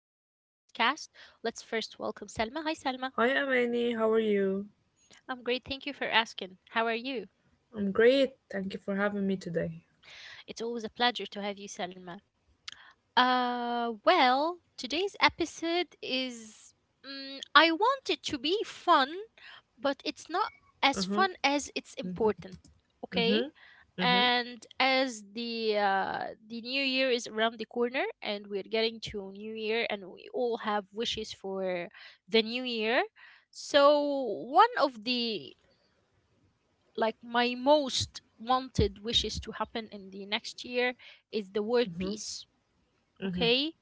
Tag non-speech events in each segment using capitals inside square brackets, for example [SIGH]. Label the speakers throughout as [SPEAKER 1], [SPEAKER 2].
[SPEAKER 1] podcast. Let's first welcome Selma. Hi, Selma.
[SPEAKER 2] Hi, Amani. How are you?
[SPEAKER 1] I'm great. Thank you for asking. How are you?
[SPEAKER 2] I'm great. Thank you for having me today.
[SPEAKER 1] It's always a pleasure to have you, Selma. Well, today's episode is. I want it to be fun, but it's not as
[SPEAKER 2] Uh
[SPEAKER 1] fun
[SPEAKER 2] huh.
[SPEAKER 1] as it's important, okay?
[SPEAKER 2] Uh huh. Uh huh.
[SPEAKER 1] And as the new year is around the corner, and we're getting to new year, and we all have wishes for the new year. So one of the like my most wanted wishes to happen in the next year is the world
[SPEAKER 2] Uh huh.
[SPEAKER 1] peace. Okay,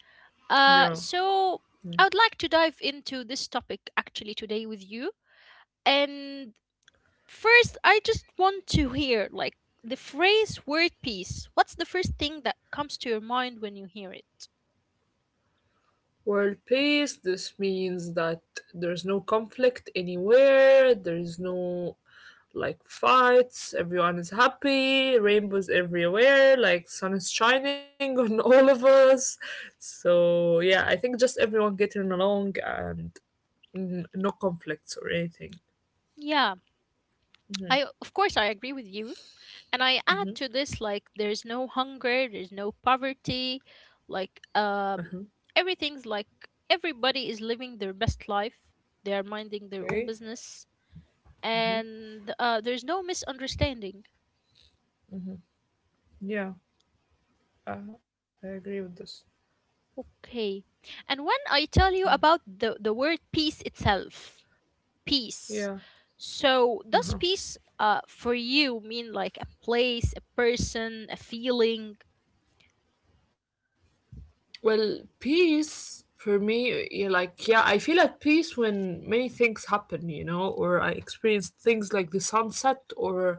[SPEAKER 2] Yeah.
[SPEAKER 1] so I would like to dive into this topic actually today with you. And first, I just want to hear like the phrase word peace. What's the first thing that comes to your mind when you hear it?
[SPEAKER 2] World peace. This means that there's no conflict anywhere. There's no like fights. Everyone is happy. Rainbows everywhere. Like sun is shining [LAUGHS] on all of us. So yeah, I think just everyone getting along and no conflicts or anything.
[SPEAKER 1] Yeah, I of course I agree with you. And I add to this like there's no hunger, there's no poverty, like everything's like everybody is living their best life. They are minding their own
[SPEAKER 2] Okay.
[SPEAKER 1] business and there's no misunderstanding.
[SPEAKER 2] Yeah, I agree with this.
[SPEAKER 1] Okay. And when I tell you about the word peace itself, peace.
[SPEAKER 2] Yeah.
[SPEAKER 1] So,
[SPEAKER 2] Uh
[SPEAKER 1] does
[SPEAKER 2] huh.
[SPEAKER 1] peace for you mean like a place, a person, a feeling?
[SPEAKER 2] Well, peace for me, yeah, like, yeah, I feel at peace when many things happen, or I experience things like the sunset or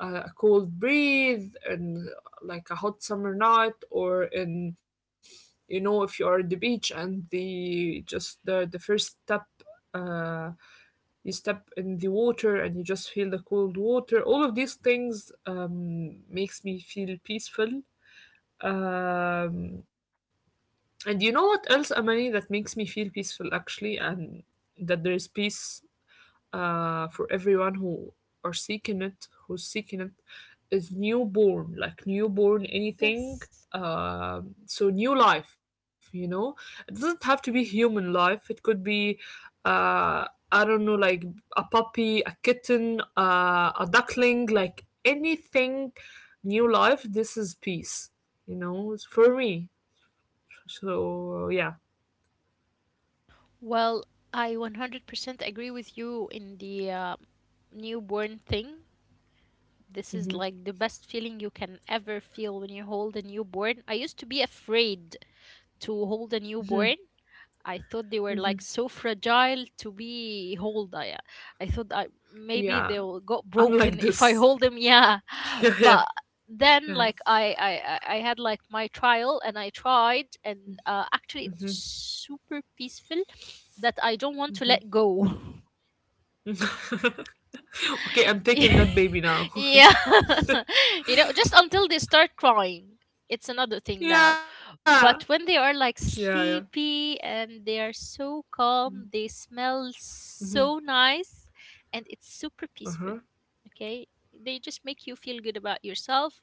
[SPEAKER 2] a cold breeze and like a hot summer night, or in, if you are at the beach and the first step, uh, you step in the water and you just feel the cold water, all of these things makes me feel peaceful. um, and you know what else, Amani, that makes me feel peaceful actually, and that there is peace for everyone who's seeking it, is newborn, like newborn anything.
[SPEAKER 1] Yes.
[SPEAKER 2] So new life, it doesn't have to be human life. It could be, uh, I don't know, like a puppy, a kitten, a duckling, like anything, new life. This is peace for me, so yeah.
[SPEAKER 1] Well, I 100% agree with you in the newborn thing. This is like the best feeling you can ever feel when you hold a newborn. I used to be afraid to hold a newborn. I thought they were like so fragile to be hold. I thought maybe
[SPEAKER 2] Yeah,
[SPEAKER 1] they'll got
[SPEAKER 2] I'm
[SPEAKER 1] broken [LAUGHS]
[SPEAKER 2] like
[SPEAKER 1] if I
[SPEAKER 2] this. [LAUGHS]
[SPEAKER 1] hold them. Yeah, [LAUGHS]
[SPEAKER 2] Yeah,
[SPEAKER 1] but then
[SPEAKER 2] yeah.
[SPEAKER 1] like I had like my trial and I tried and actually it was super peaceful that I don't want to let go. [LAUGHS]
[SPEAKER 2] Yeah. [LAUGHS] Okay, I'm taking that
[SPEAKER 1] [LAUGHS]
[SPEAKER 2] baby now.
[SPEAKER 1] Yeah, [LAUGHS] you know, just until they start crying it's another
[SPEAKER 2] [LAUGHS]
[SPEAKER 1] thing now.
[SPEAKER 2] Yeah.
[SPEAKER 1] But when they are
[SPEAKER 2] Yeah,
[SPEAKER 1] like
[SPEAKER 2] yeah.
[SPEAKER 1] sleepy and they are so calm, they smell
[SPEAKER 2] Mm-hmm.
[SPEAKER 1] so nice and it's super
[SPEAKER 2] Uh-huh.
[SPEAKER 1] peaceful. Okay, they just make you feel good about yourself.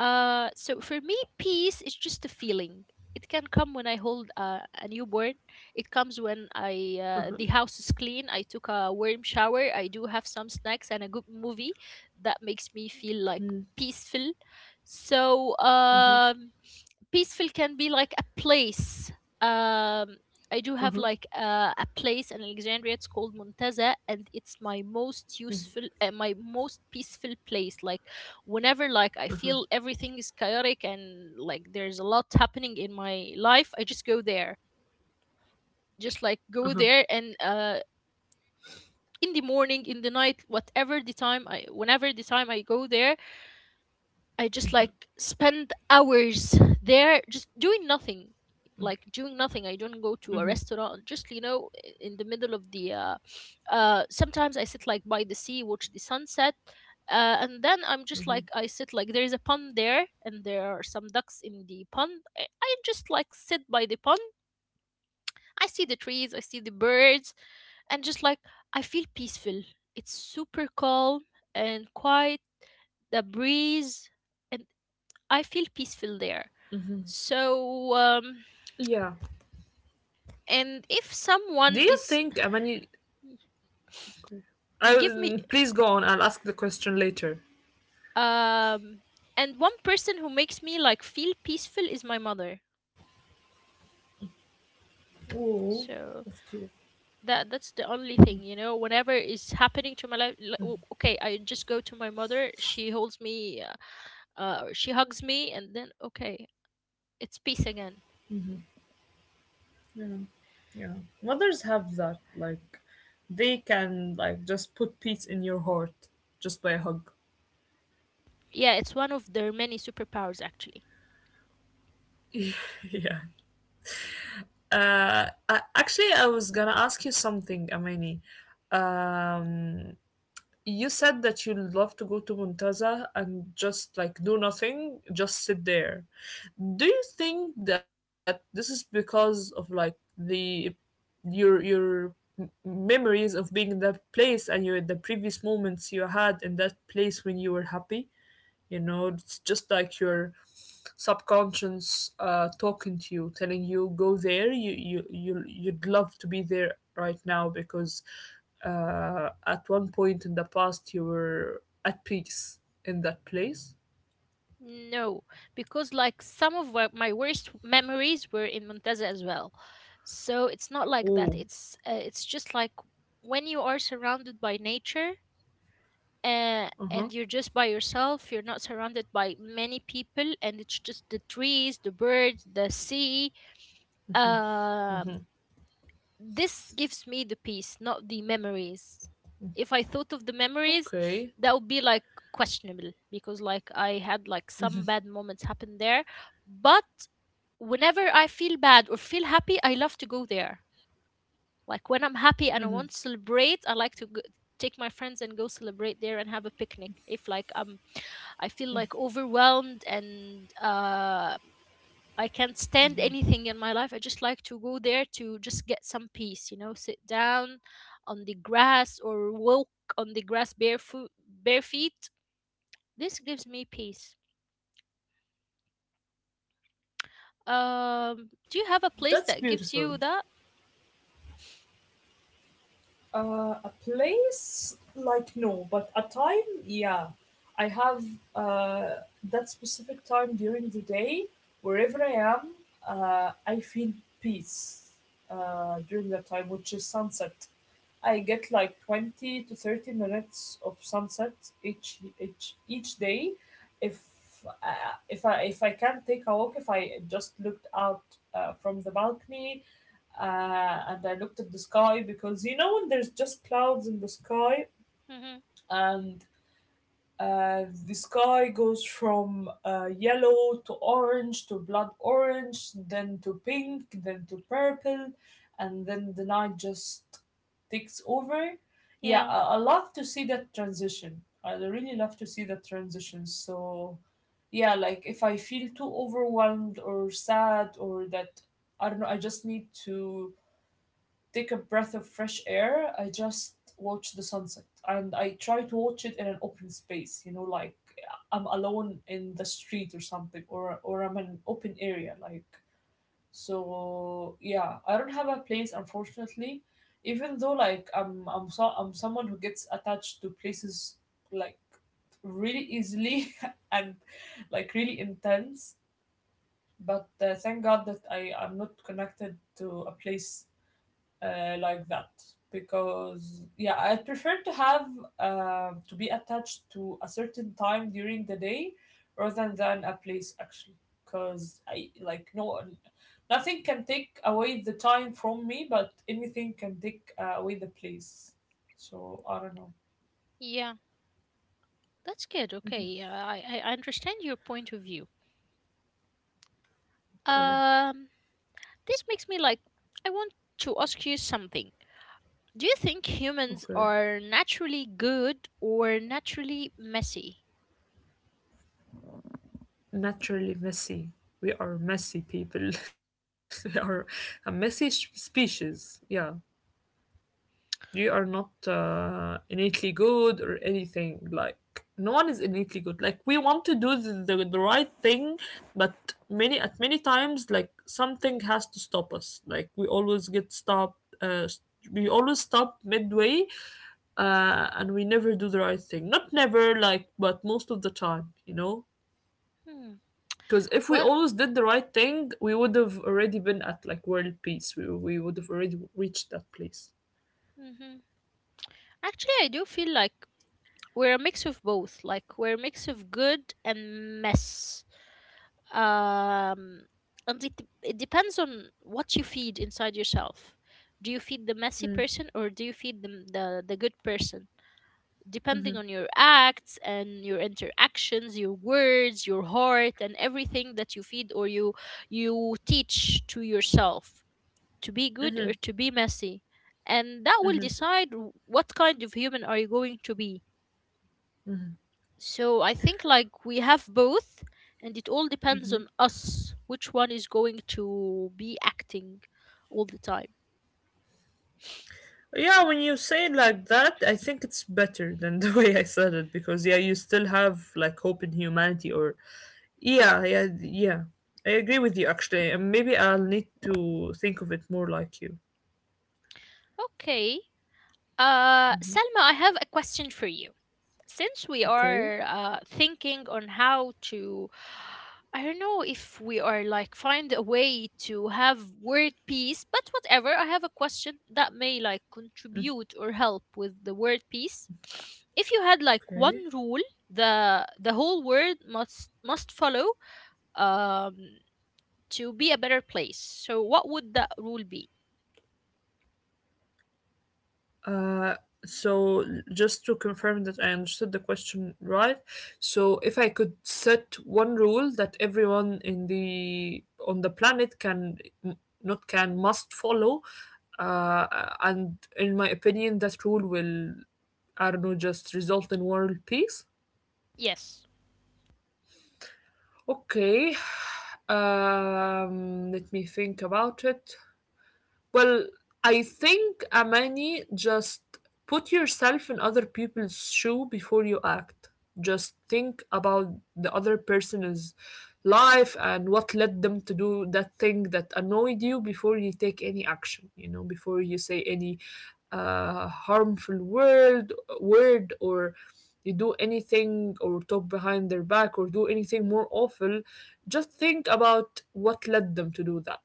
[SPEAKER 1] So for me, peace is just a feeling. It can come when I hold a newborn. It comes when I
[SPEAKER 2] Uh-huh.
[SPEAKER 1] the house is clean. I took a warm shower. I do have some snacks and a good movie that makes me feel like peaceful. So, peaceful can be like a place. Um, I
[SPEAKER 2] Uh-huh.
[SPEAKER 1] do have like a place in Alexandria. It's called Muntaza, and it's my most peaceful place. Like whenever like I feel everything is chaotic and like there's a lot happening in my life, I just go there, just like
[SPEAKER 2] Uh-huh.
[SPEAKER 1] go there, and in the morning, in the night, whatever the time I whenever the time I go there, I just like spend hours there just doing nothing. Like doing nothing. I don't go
[SPEAKER 2] Mm-hmm.
[SPEAKER 1] to a restaurant, just you know, in the middle of the sometimes I sit like by the sea, watch the sunset, and then I'm just
[SPEAKER 2] Mm-hmm.
[SPEAKER 1] like I sit, like there is a pond there and there are some ducks in the pond, I just like sit by the pond. I see the trees, I see the birds, and just like I feel peaceful. It's super calm and quiet, the breeze, and I feel peaceful there. So,
[SPEAKER 2] Yeah.
[SPEAKER 1] and if
[SPEAKER 2] Do you think,
[SPEAKER 1] someone
[SPEAKER 2] I mean,
[SPEAKER 1] is
[SPEAKER 2] you,
[SPEAKER 1] give me
[SPEAKER 2] please go on, I'll ask the question later.
[SPEAKER 1] um and one person who makes me like feel peaceful is my mother.
[SPEAKER 2] Oh, that's cute.
[SPEAKER 1] So that's the only thing, you know, whenever is happening to my life, okay, I just go to my mother, she holds me, she hugs me and then okay. It's peace again.
[SPEAKER 2] Yeah. Yeah. Mothers have that, like they can like just put peace in your heart just by a hug.
[SPEAKER 1] Yeah, it's one of their many superpowers, actually.
[SPEAKER 2] [LAUGHS] Yeah. Actually, I was gonna ask you something, Amani. Um, you said that you love to go to Muntaza and just like do nothing, just sit there. Do you think that this is because of like the your memories of being in that place, and your the previous moments you had in that place when you were happy? It's just like your subconscious talking to you, telling you go there. You'd love to be there right now because at one point in the past you were at peace in that place.
[SPEAKER 1] No, because like some of my worst memories were in Monteza as well. So it's not like that.
[SPEAKER 2] Oh,
[SPEAKER 1] It's just like when you are surrounded by nature,
[SPEAKER 2] uh
[SPEAKER 1] and
[SPEAKER 2] huh.
[SPEAKER 1] you're just by yourself, you're not surrounded by many people, and it's just the trees, the birds, the sea. Um this gives me the peace, not the memories. If I thought of the memories,
[SPEAKER 2] Okay,
[SPEAKER 1] that would be like questionable because like I had like some bad moments happen there. But whenever I feel bad or feel happy, I love to go there. Like when I'm happy and I want to celebrate, I like to go, take my friends and go celebrate there and have a picnic. If like I feel like overwhelmed and I can't stand anything in my life, I just like to go there to just get some peace, sit down on the grass or walk on the grass barefoot, bare feet. This gives me peace. Do you
[SPEAKER 2] that's
[SPEAKER 1] have a place
[SPEAKER 2] beautiful.
[SPEAKER 1] that gives you that?
[SPEAKER 2] A place, like, no, but a time, yeah. I have uh, that specific time during the day, wherever I am, I feel peace during that time, which is sunset. I get like 20 to 30 minutes of sunset each day. If if I can take a walk, if I just looked out from the balcony uh, and I looked at the sky, because you know when there's just clouds in the sky,
[SPEAKER 1] Mm-hmm.
[SPEAKER 2] and the sky goes from yellow to orange to blood orange, then to pink, then to purple, and then the night just takes over. Yeah,
[SPEAKER 1] Yeah,
[SPEAKER 2] I love to see that transition. I really love to see that transition. So, yeah, like if I feel too overwhelmed or sad or that I don't know, I just need to take a breath of fresh air. I just watch the sunset, and I try to watch it in an open space, like I'm alone in the street or something, or I'm in an open area, like, so yeah, I don't have a place unfortunately. Even though like I'm someone who gets attached to places, like, really easily [LAUGHS] and like really intense. But thank God that I am not connected to a place like that, because yeah, I prefer to have to be attached to a certain time during the day rather than a place actually, because I like, no, nothing can take away the time from me, but anything can take away the place, so I don't know.
[SPEAKER 1] yeah, that's good. Okay, yeah, I understand your point of view.
[SPEAKER 2] Okay,
[SPEAKER 1] Um, this makes me like, I want to ask you something. Do you think humans
[SPEAKER 2] okay.
[SPEAKER 1] are naturally good or naturally messy?
[SPEAKER 2] Naturally messy. We are messy people. [LAUGHS] We are a messy species. Yeah. You are not innately good or anything. Like, no one is innately good. Like, we want to do the right thing, but many at many times, like, something has to stop us. Like, we always get stopped. We always stop midway, and we never do the right thing. Not never, like, but most of the time.
[SPEAKER 1] Hmm.
[SPEAKER 2] Because if we
[SPEAKER 1] Well,
[SPEAKER 2] always did the right thing, we would have already been at like world peace. We would have already reached that place.
[SPEAKER 1] hmm actually, I do feel like we're a mix of both. Like we're a mix of good and mess. Um, and it depends on what you feed inside yourself. Do you feed the messy person or do you feed the good person? Depending on your acts and your interactions, your words, your heart, and everything that you feed or you teach to yourself, to be good or to be messy, and that will decide what kind of human are you going to be. So I think like we have both, and it all depends on us which one is going to be acting all the time.
[SPEAKER 2] Yeah, when you say it like that, I think it's better than the [LAUGHS] way I said it, because yeah, you still have like hope in humanity or yeah, yeah, yeah. I agree with you actually, and maybe I'll need to think of it more like you.
[SPEAKER 1] Okay, Selma, I have a question for you. Since we
[SPEAKER 2] Okay,
[SPEAKER 1] are thinking on how to, I don't know if we are like find a way to have word peace, but whatever, I have a question that may like contribute or help with the word peace. If you had like
[SPEAKER 2] okay.
[SPEAKER 1] one rule the whole world must follow, um to be a better place, so what would that rule be?
[SPEAKER 2] Uh, so just to confirm that I understood the question right, so if I could set one rule that everyone in the on the planet can, not can, must follow, uh, and in my opinion, that rule will, I don't know, just result in world peace.
[SPEAKER 1] Yes.
[SPEAKER 2] Okay, [SIGHS] let me think about it. Well, I think, Amani, just put yourself in other people's shoe before you act. Just think about the other person's life and what led them to do that thing that annoyed you, before you take any action, before you say any harmful word or you do anything or talk behind their back or do anything more awful. Just think about what led them to do that,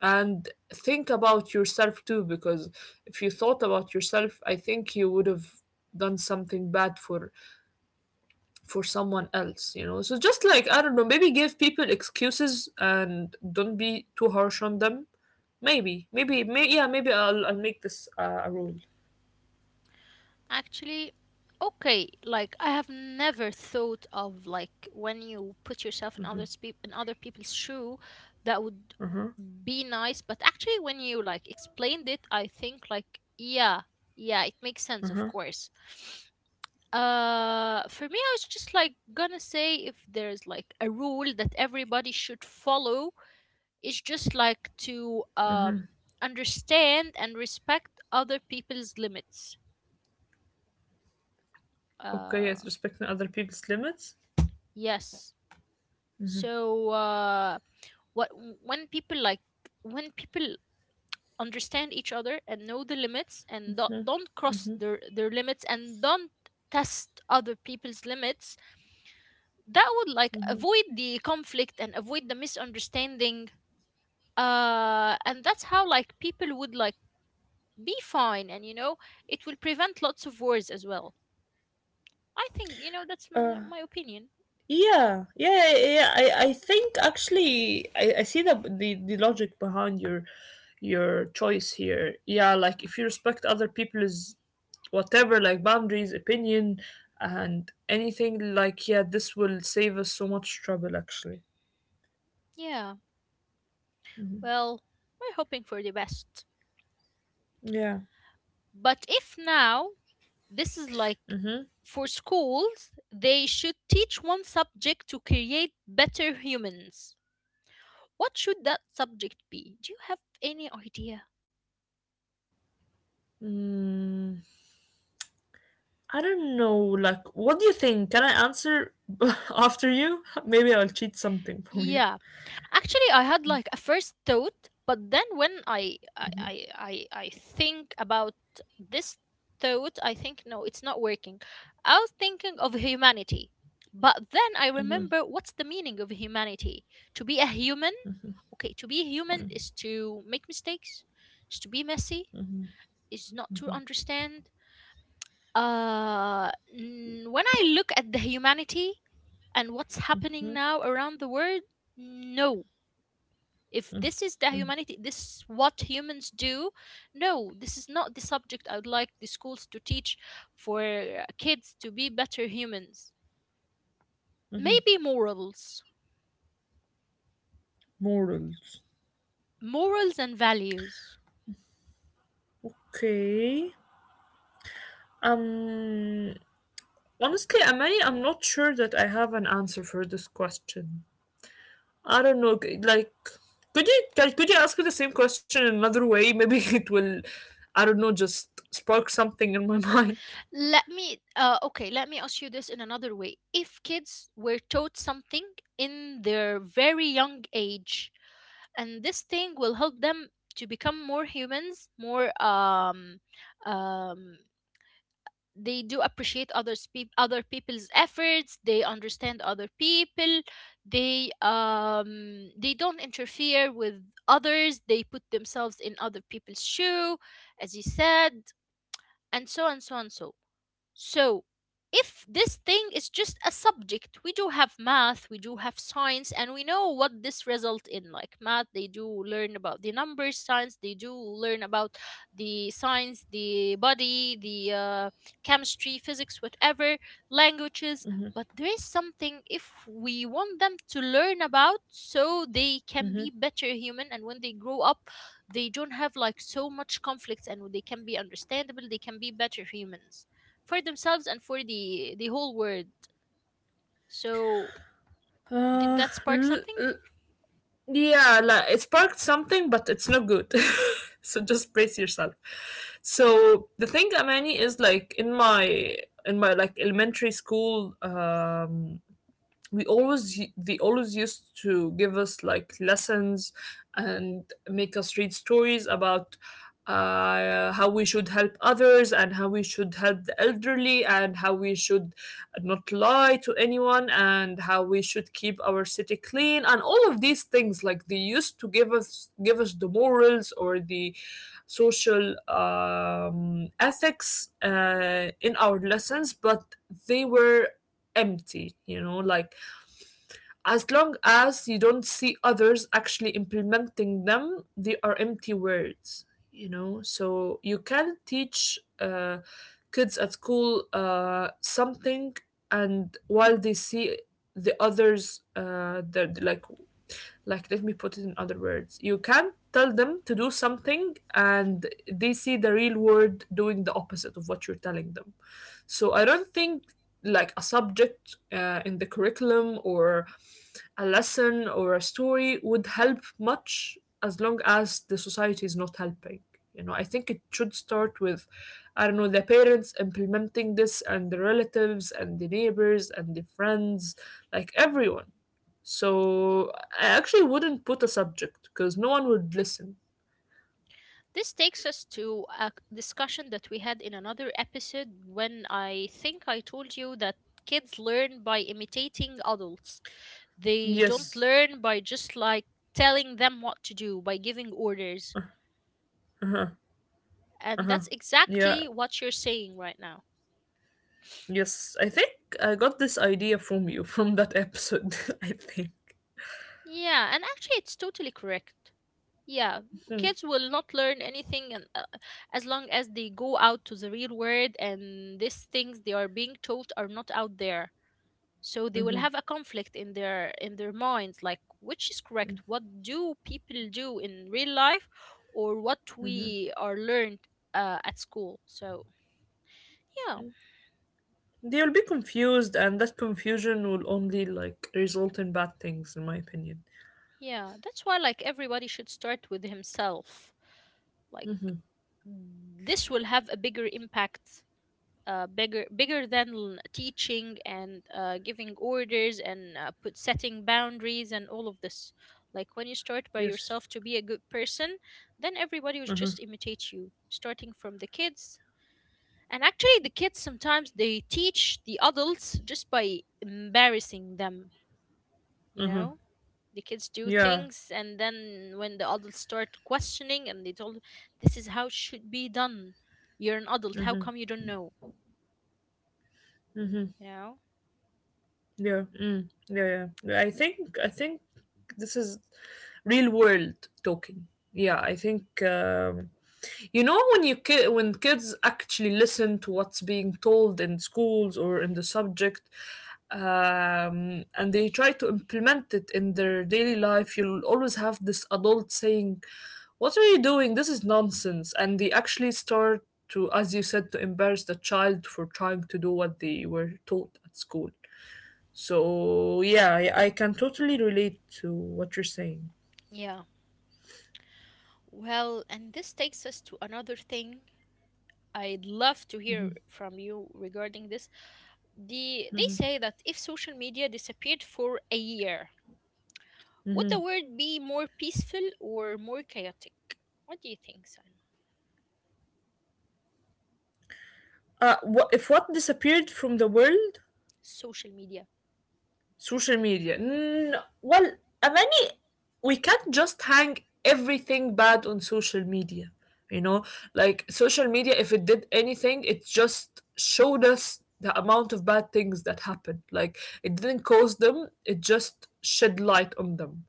[SPEAKER 2] and think about yourself too, because if you thought about yourself, I think you would have done something bad for someone else. So just like, I don't know, maybe give people excuses and don't be too harsh on them. Maybe, yeah, maybe I'll make this a rule.
[SPEAKER 1] Actually, okay, like I have never thought of like when you put yourself in other people's shoe, that would be nice. But actually, when you like explained it, I think like yeah, yeah, it makes sense, of course. For me, I was just like gonna say if there's like a rule that everybody should follow, it's just like to understand and respect other people's limits.
[SPEAKER 2] Okay, yes,
[SPEAKER 1] Uh,
[SPEAKER 2] respecting other people's limits.
[SPEAKER 1] Yes. So, what, when people like when people understand each other and know the limits and don't cross their limits and don't test other people's limits, that would like avoid the conflict and avoid the misunderstanding. And that's how like people would like be fine, and it will prevent lots of wars as well, I think. That's my,
[SPEAKER 2] Uh,
[SPEAKER 1] my opinion.
[SPEAKER 2] Yeah, yeah, yeah. I think actually I see the logic behind your choice here. Yeah, like if you respect other people's whatever, like boundaries, opinion, and anything, like yeah, this will save us so much trouble actually.
[SPEAKER 1] Yeah, well, we're hoping for the best.
[SPEAKER 2] Yeah.
[SPEAKER 1] But if now, this is like,
[SPEAKER 2] Mm-hmm.
[SPEAKER 1] for schools, they should teach one subject to create better humans. What should that subject be? Do you have any idea?
[SPEAKER 2] Mm, I don't know. Like, what do you think? Can I answer [LAUGHS] after you? Maybe I'll cheat something from you.
[SPEAKER 1] Yeah, actually, I had like a first thought, but then when I think about this thought, I think no, it's not working. I was thinking of humanity. But then I remember, what's the meaning of humanity? To be a human? Okay, to be a human is to make mistakes, is to be messy, is not to understand. When I look at the humanity and what's happening now around the world, no, if this is the humanity, this is what humans do, no, this is not the subject I would like the schools to teach for kids to be better humans. Maybe morals.
[SPEAKER 2] Morals.
[SPEAKER 1] Morals and values.
[SPEAKER 2] Okay. Um. Honestly, Amani, I'm not sure that I have an answer for this question. I don't know. Like, could you, could you ask me the same question in another way? Maybe [LAUGHS] it will, I don't know, just spark something in my [LAUGHS] mind.
[SPEAKER 1] Let me Okay, let me ask you this in another way. If kids were taught something in their very young age, and this thing will help them to become more humans, more um they do appreciate other people's efforts, they understand other people, they don't interfere with others, they put themselves in other people's shoe, as you said, and so and so and so. So, if this thing is just a subject, we do have math, we do have science, and we know what this result in. Like math, they do learn about the numbers, science, they do
[SPEAKER 2] Mhm,
[SPEAKER 1] learn about the science, the body, the chemistry, physics, whatever, languages. But there is something if we want them to learn about so they can
[SPEAKER 2] mhm.
[SPEAKER 1] be better human, and when they grow up they don't have like so much conflicts, and they can be understandable, they can be better humans for themselves and for the whole world, so did
[SPEAKER 2] Uh,
[SPEAKER 1] that spark
[SPEAKER 2] l-
[SPEAKER 1] something?
[SPEAKER 2] l- yeah, like it sparked something, but it's not good. [LAUGHS] So just brace yourself. So the thing, Amani, is like in my like elementary school, we always they always used to give us like lessons and make us read stories about how we should help others, and how we should help the elderly, and how we should not lie to anyone, and how we should keep our city clean, and all of these things. Like, they used to give us the morals or the social ethics in our lessons, but they were empty. Like, as long as you don't see others actually implementing them, they are empty words, you know? So you can teach kids at school something, and while they see the others, they're like let me put it in other words: you can tell them to do something and they see the real world doing the opposite of what you're telling them. So I don't think like a subject in the curriculum or a lesson or a story would help much, as long as the society is not helping. I think it should start with, I don't know, the parents implementing this, and the relatives and the neighbors and the friends, like everyone. So I actually wouldn't put a subject because no one would listen.
[SPEAKER 1] This takes us to a discussion that we had in another episode when I think I told you that kids learn by imitating adults. They don't
[SPEAKER 2] Yes.
[SPEAKER 1] learn by just like telling them what to do, by giving orders.
[SPEAKER 2] Uh-huh.
[SPEAKER 1] And
[SPEAKER 2] Uh-huh.
[SPEAKER 1] that's
[SPEAKER 2] Yeah.
[SPEAKER 1] exactly what you're saying right now.
[SPEAKER 2] Yes. I think I got this idea from you from that episode, [LAUGHS] I think.
[SPEAKER 1] Yeah, and actually, it's totally correct. Yeah,
[SPEAKER 2] Mm-hmm.
[SPEAKER 1] kids will not learn anything, and, as long as they go out to the real world and these things they are being taught are not out there, so they will have a conflict in their minds, like which is correct, what do people do in real life or what
[SPEAKER 2] Mm-hmm.
[SPEAKER 1] we are learned at school. So yeah,
[SPEAKER 2] They will be confused, and that confusion will only like result in bad things, in my opinion.
[SPEAKER 1] yeah, that's why like everybody should start with himself. Like, this will have a bigger impact, bigger than teaching and giving orders and put setting boundaries and all of this. Like, when you start by
[SPEAKER 2] Yes.
[SPEAKER 1] yourself to be a good person, then everybody will
[SPEAKER 2] Uh huh.
[SPEAKER 1] just imitate you, starting from the kids. And actually, the kids sometimes they teach the adults just by embarrassing them, you
[SPEAKER 2] Uh huh.
[SPEAKER 1] know. The kids do
[SPEAKER 2] Yeah.
[SPEAKER 1] things and then when the adults start questioning, and they told, this is how it should be done, you're an adult, how
[SPEAKER 2] Mhm.
[SPEAKER 1] come you don't know,
[SPEAKER 2] Mhm.
[SPEAKER 1] you know?
[SPEAKER 2] Yeah. Mm. Yeah. Yeah. Yeah, I think. I think this is real world talking. Yeah. I think. You know when kids actually listen to what's being told in schools or in the subject, and they try to implement it in their daily life, you'll always have this adult saying, "What are you doing? This is nonsense!" And they actually start to, as you said, to embarrass the child for trying to do what they were taught at school. So yeah, I can totally relate to what you're saying.
[SPEAKER 1] Yeah, well, and this takes us to another thing. I'd love to hear from you regarding this. They say that if social media disappeared for a year, would the world be more peaceful or more chaotic? What do you think, Salma?
[SPEAKER 2] What if what disappeared from the world?
[SPEAKER 1] Social media.
[SPEAKER 2] Social media. Well, Amani, we can't just hang everything bad on social media. You know, like social media, if it did anything, it just showed us the amount of bad things that happened. Like, it didn't cause them, it just shed light on them,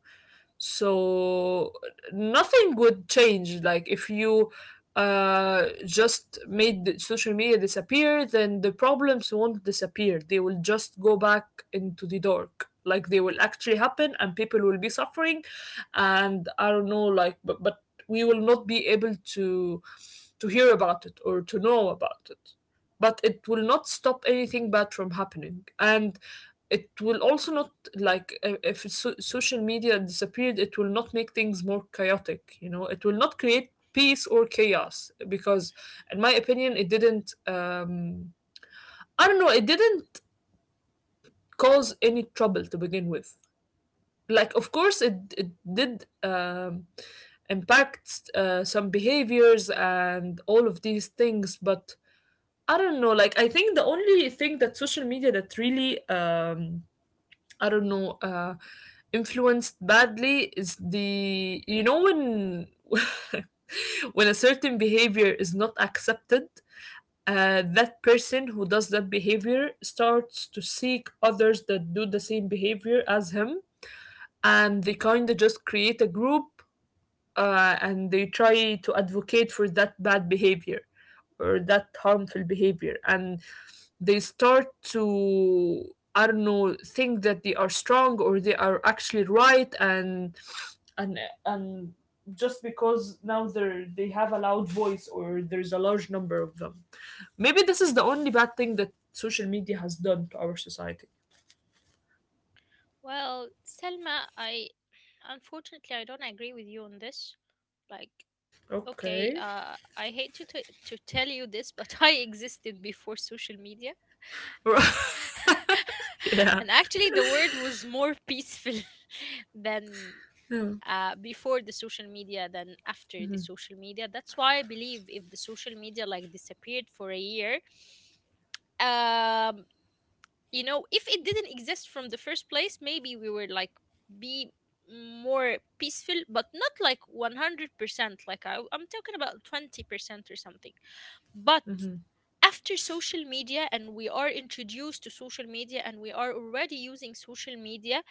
[SPEAKER 2] so nothing would change. Like if you just made the social media disappear, then the problems won't disappear, they will just go back into the dark. Like they will actually happen and people will be suffering, and I don't know, like but we will not be able to hear about it or to know about it. But it will not stop anything bad from happening, and it will also not, like, if social media disappeared, it will not make things more chaotic. You know, it will not create peace or chaos, because in my opinion it didn't I don't know, it didn't cause any trouble to begin with. Like of course it did impact some behaviors and all of these things, but I don't know, like I think the only thing that social media that really I don't know, influenced badly is the, when [LAUGHS] when a certain behavior is not accepted, that person who does that behavior starts to seek others that do the same behavior as him, and they kind of just create a group, and they try to advocate for that bad behavior or that harmful behavior. And they start to, I don't know, think that they are strong or they are actually right, and and just because now they have a loud voice or there's a large number of them. Maybe this is the only bad thing that social media has done to our society.
[SPEAKER 1] Well, Selma, I unfortunately, I don't agree with you on this. Like,
[SPEAKER 2] Okay.
[SPEAKER 1] okay, I hate to, to tell you this, but [LAUGHS] I existed before social media,
[SPEAKER 2] [LAUGHS]
[SPEAKER 1] [LAUGHS]
[SPEAKER 2] Yeah.
[SPEAKER 1] and actually, the world was more peaceful [LAUGHS] than
[SPEAKER 2] Yeah.
[SPEAKER 1] before the social media than after the social media. That's why I believe if the social media like disappeared for a year, um, you know, if it didn't exist from the first place, maybe we would like be more peaceful, but not like 100%. Like I'm talking about 20% or something. But after social media, and we are introduced to social media, and we are already using social media,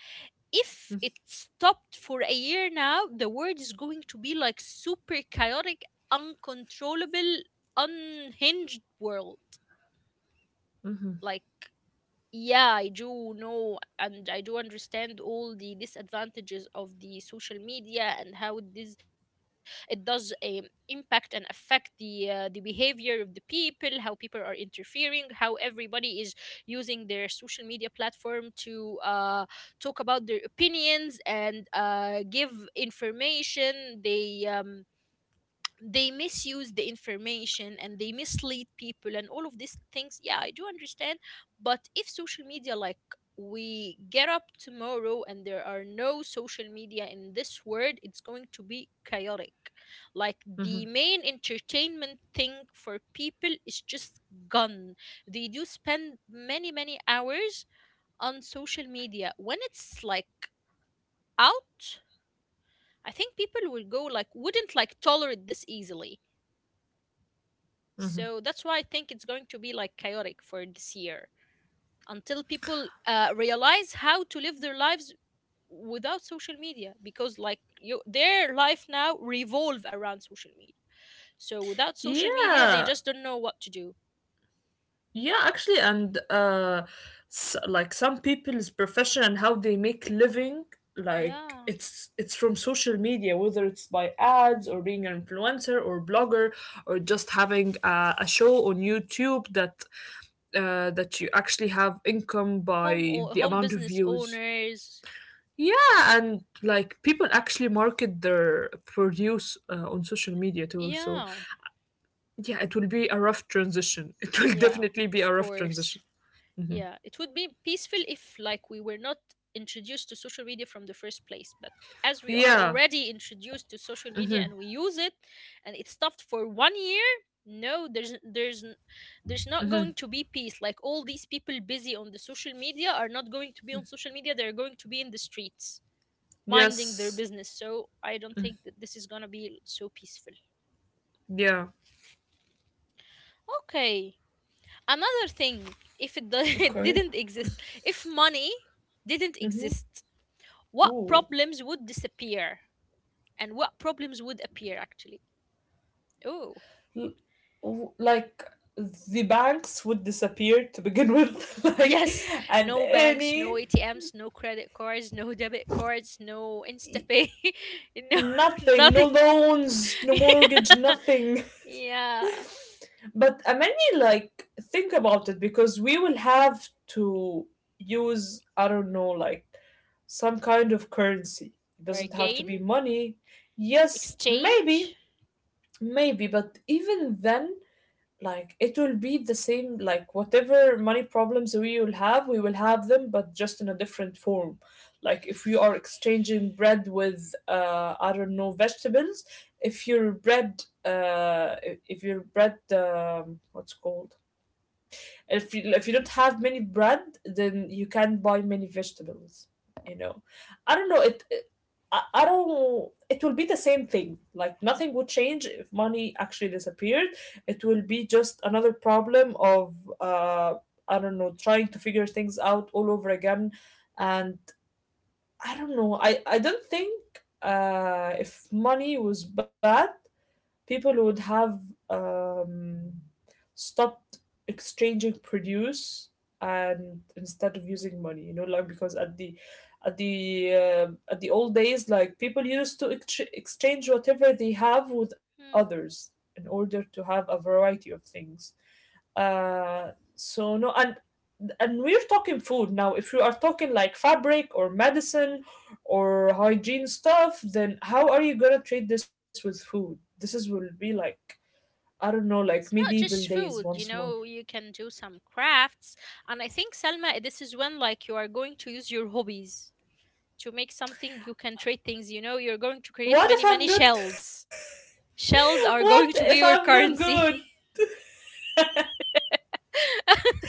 [SPEAKER 1] if it stopped for a year now, the world is going to be like super chaotic, uncontrollable, unhinged world. Like, yeah, I do know and I do understand all the disadvantages of the social media and how this, it does impact and affect the behavior of the people, how people are interfering, how everybody is using their social media platform to talk about their opinions and give information. They misuse the information and they mislead people and all of these things. Yeah, I do understand. But if social media like, we get up tomorrow and there are no social media in this world, it's going to be chaotic. Like, the main entertainment thing for people is just gone. They do spend many many hours on social media. When it's like out, I think people will go like, wouldn't like tolerate this easily. So that's why I think it's going to be like chaotic for this year until people realize how to live their lives without social media, because like you, their life now revolve around social media. So without social media, they
[SPEAKER 2] Yeah.
[SPEAKER 1] just don't know what to do.
[SPEAKER 2] Yeah, actually, and s like some people's profession and how they make living, like
[SPEAKER 1] Yeah,
[SPEAKER 2] it's from social media, whether it's by ads or being an influencer or blogger, or just having a show on YouTube that that you actually have income
[SPEAKER 1] home
[SPEAKER 2] by
[SPEAKER 1] or
[SPEAKER 2] the
[SPEAKER 1] home
[SPEAKER 2] amount of
[SPEAKER 1] business
[SPEAKER 2] views.
[SPEAKER 1] owners.
[SPEAKER 2] Yeah, and like people actually market their produce on social media too. So
[SPEAKER 1] Yeah,
[SPEAKER 2] yeah, it will be a rough transition. [LAUGHS] It will
[SPEAKER 1] yeah,
[SPEAKER 2] definitely be a
[SPEAKER 1] of
[SPEAKER 2] rough
[SPEAKER 1] course.
[SPEAKER 2] transition. Mm-hmm.
[SPEAKER 1] Yeah, it would be peaceful if, like, we were not introduced to social media from the first place. But as we are
[SPEAKER 2] Yeah.
[SPEAKER 1] already introduced to social media
[SPEAKER 2] Hmm.
[SPEAKER 1] and we use it, and it stopped for 1 year, no, there's there's not
[SPEAKER 2] Hmm.
[SPEAKER 1] going to be peace. Like, all these people busy on the social media are not going to be on social media. They're going to be in the streets minding their
[SPEAKER 2] Yes.
[SPEAKER 1] business. So I don't think that this is gonna be so peaceful.
[SPEAKER 2] Yeah.
[SPEAKER 1] Okay, another thing, if do- [LAUGHS] it
[SPEAKER 2] Okay.
[SPEAKER 1] didn't exist, if money didn't exist, what
[SPEAKER 2] Ooh.
[SPEAKER 1] problems would disappear and what problems would appear actually? Oh,
[SPEAKER 2] L- like the banks would disappear to begin with,
[SPEAKER 1] [LAUGHS]
[SPEAKER 2] [LAUGHS] like,
[SPEAKER 1] yes.
[SPEAKER 2] and
[SPEAKER 1] No banks, no
[SPEAKER 2] any
[SPEAKER 1] ATMs, no credit cards, no debit cards, no Instapay, [LAUGHS] no, [LAUGHS]
[SPEAKER 2] nothing, no
[SPEAKER 1] nothing.
[SPEAKER 2] loans, no mortgage, nothing.
[SPEAKER 1] [LAUGHS] Yeah,
[SPEAKER 2] But many, like, think about it, because we will have to use, I don't know, like some kind of currency. It doesn't have to
[SPEAKER 1] bargain,
[SPEAKER 2] be money. Yes, maybe,
[SPEAKER 1] exchange.
[SPEAKER 2] maybe, but even then, like, it will be the same. Like whatever money problems we will have, we will have them, but just in a different form. Like if you are exchanging bread with, I don't know, vegetables, if your bread uh if your bread what's it called, if you don't have many bread, then you can't buy many vegetables, you know. I don't know, I don't, it will be the same thing. Like nothing would change if money actually disappeared, it will be just another problem of, uh I don't know, trying to figure things out all over again. And I don't know, I don't think, if money was bad, people would have um, stopped exchanging produce and instead of using money, you know, like because at the at the at the old days, like people used to exchange whatever they have with
[SPEAKER 1] Hmm.
[SPEAKER 2] others in order to have a variety of things. uh so no, and we're talking food now. If you are talking like fabric or medicine or hygiene stuff, then how are you gonna treat this with food? This is will be like, I don't know, like
[SPEAKER 1] It's not
[SPEAKER 2] medieval
[SPEAKER 1] just
[SPEAKER 2] days once
[SPEAKER 1] food, you
[SPEAKER 2] more.
[SPEAKER 1] know, you can do some crafts, and I think, Selma, this is when like you are going to use your hobbies to make something. You can trade things, you know. You're going to create
[SPEAKER 2] What if
[SPEAKER 1] many
[SPEAKER 2] I'm
[SPEAKER 1] many
[SPEAKER 2] not?
[SPEAKER 1] shells. Shells
[SPEAKER 2] [LAUGHS]
[SPEAKER 1] are
[SPEAKER 2] What
[SPEAKER 1] going to be
[SPEAKER 2] if
[SPEAKER 1] your
[SPEAKER 2] I'm not
[SPEAKER 1] currency.
[SPEAKER 2] good?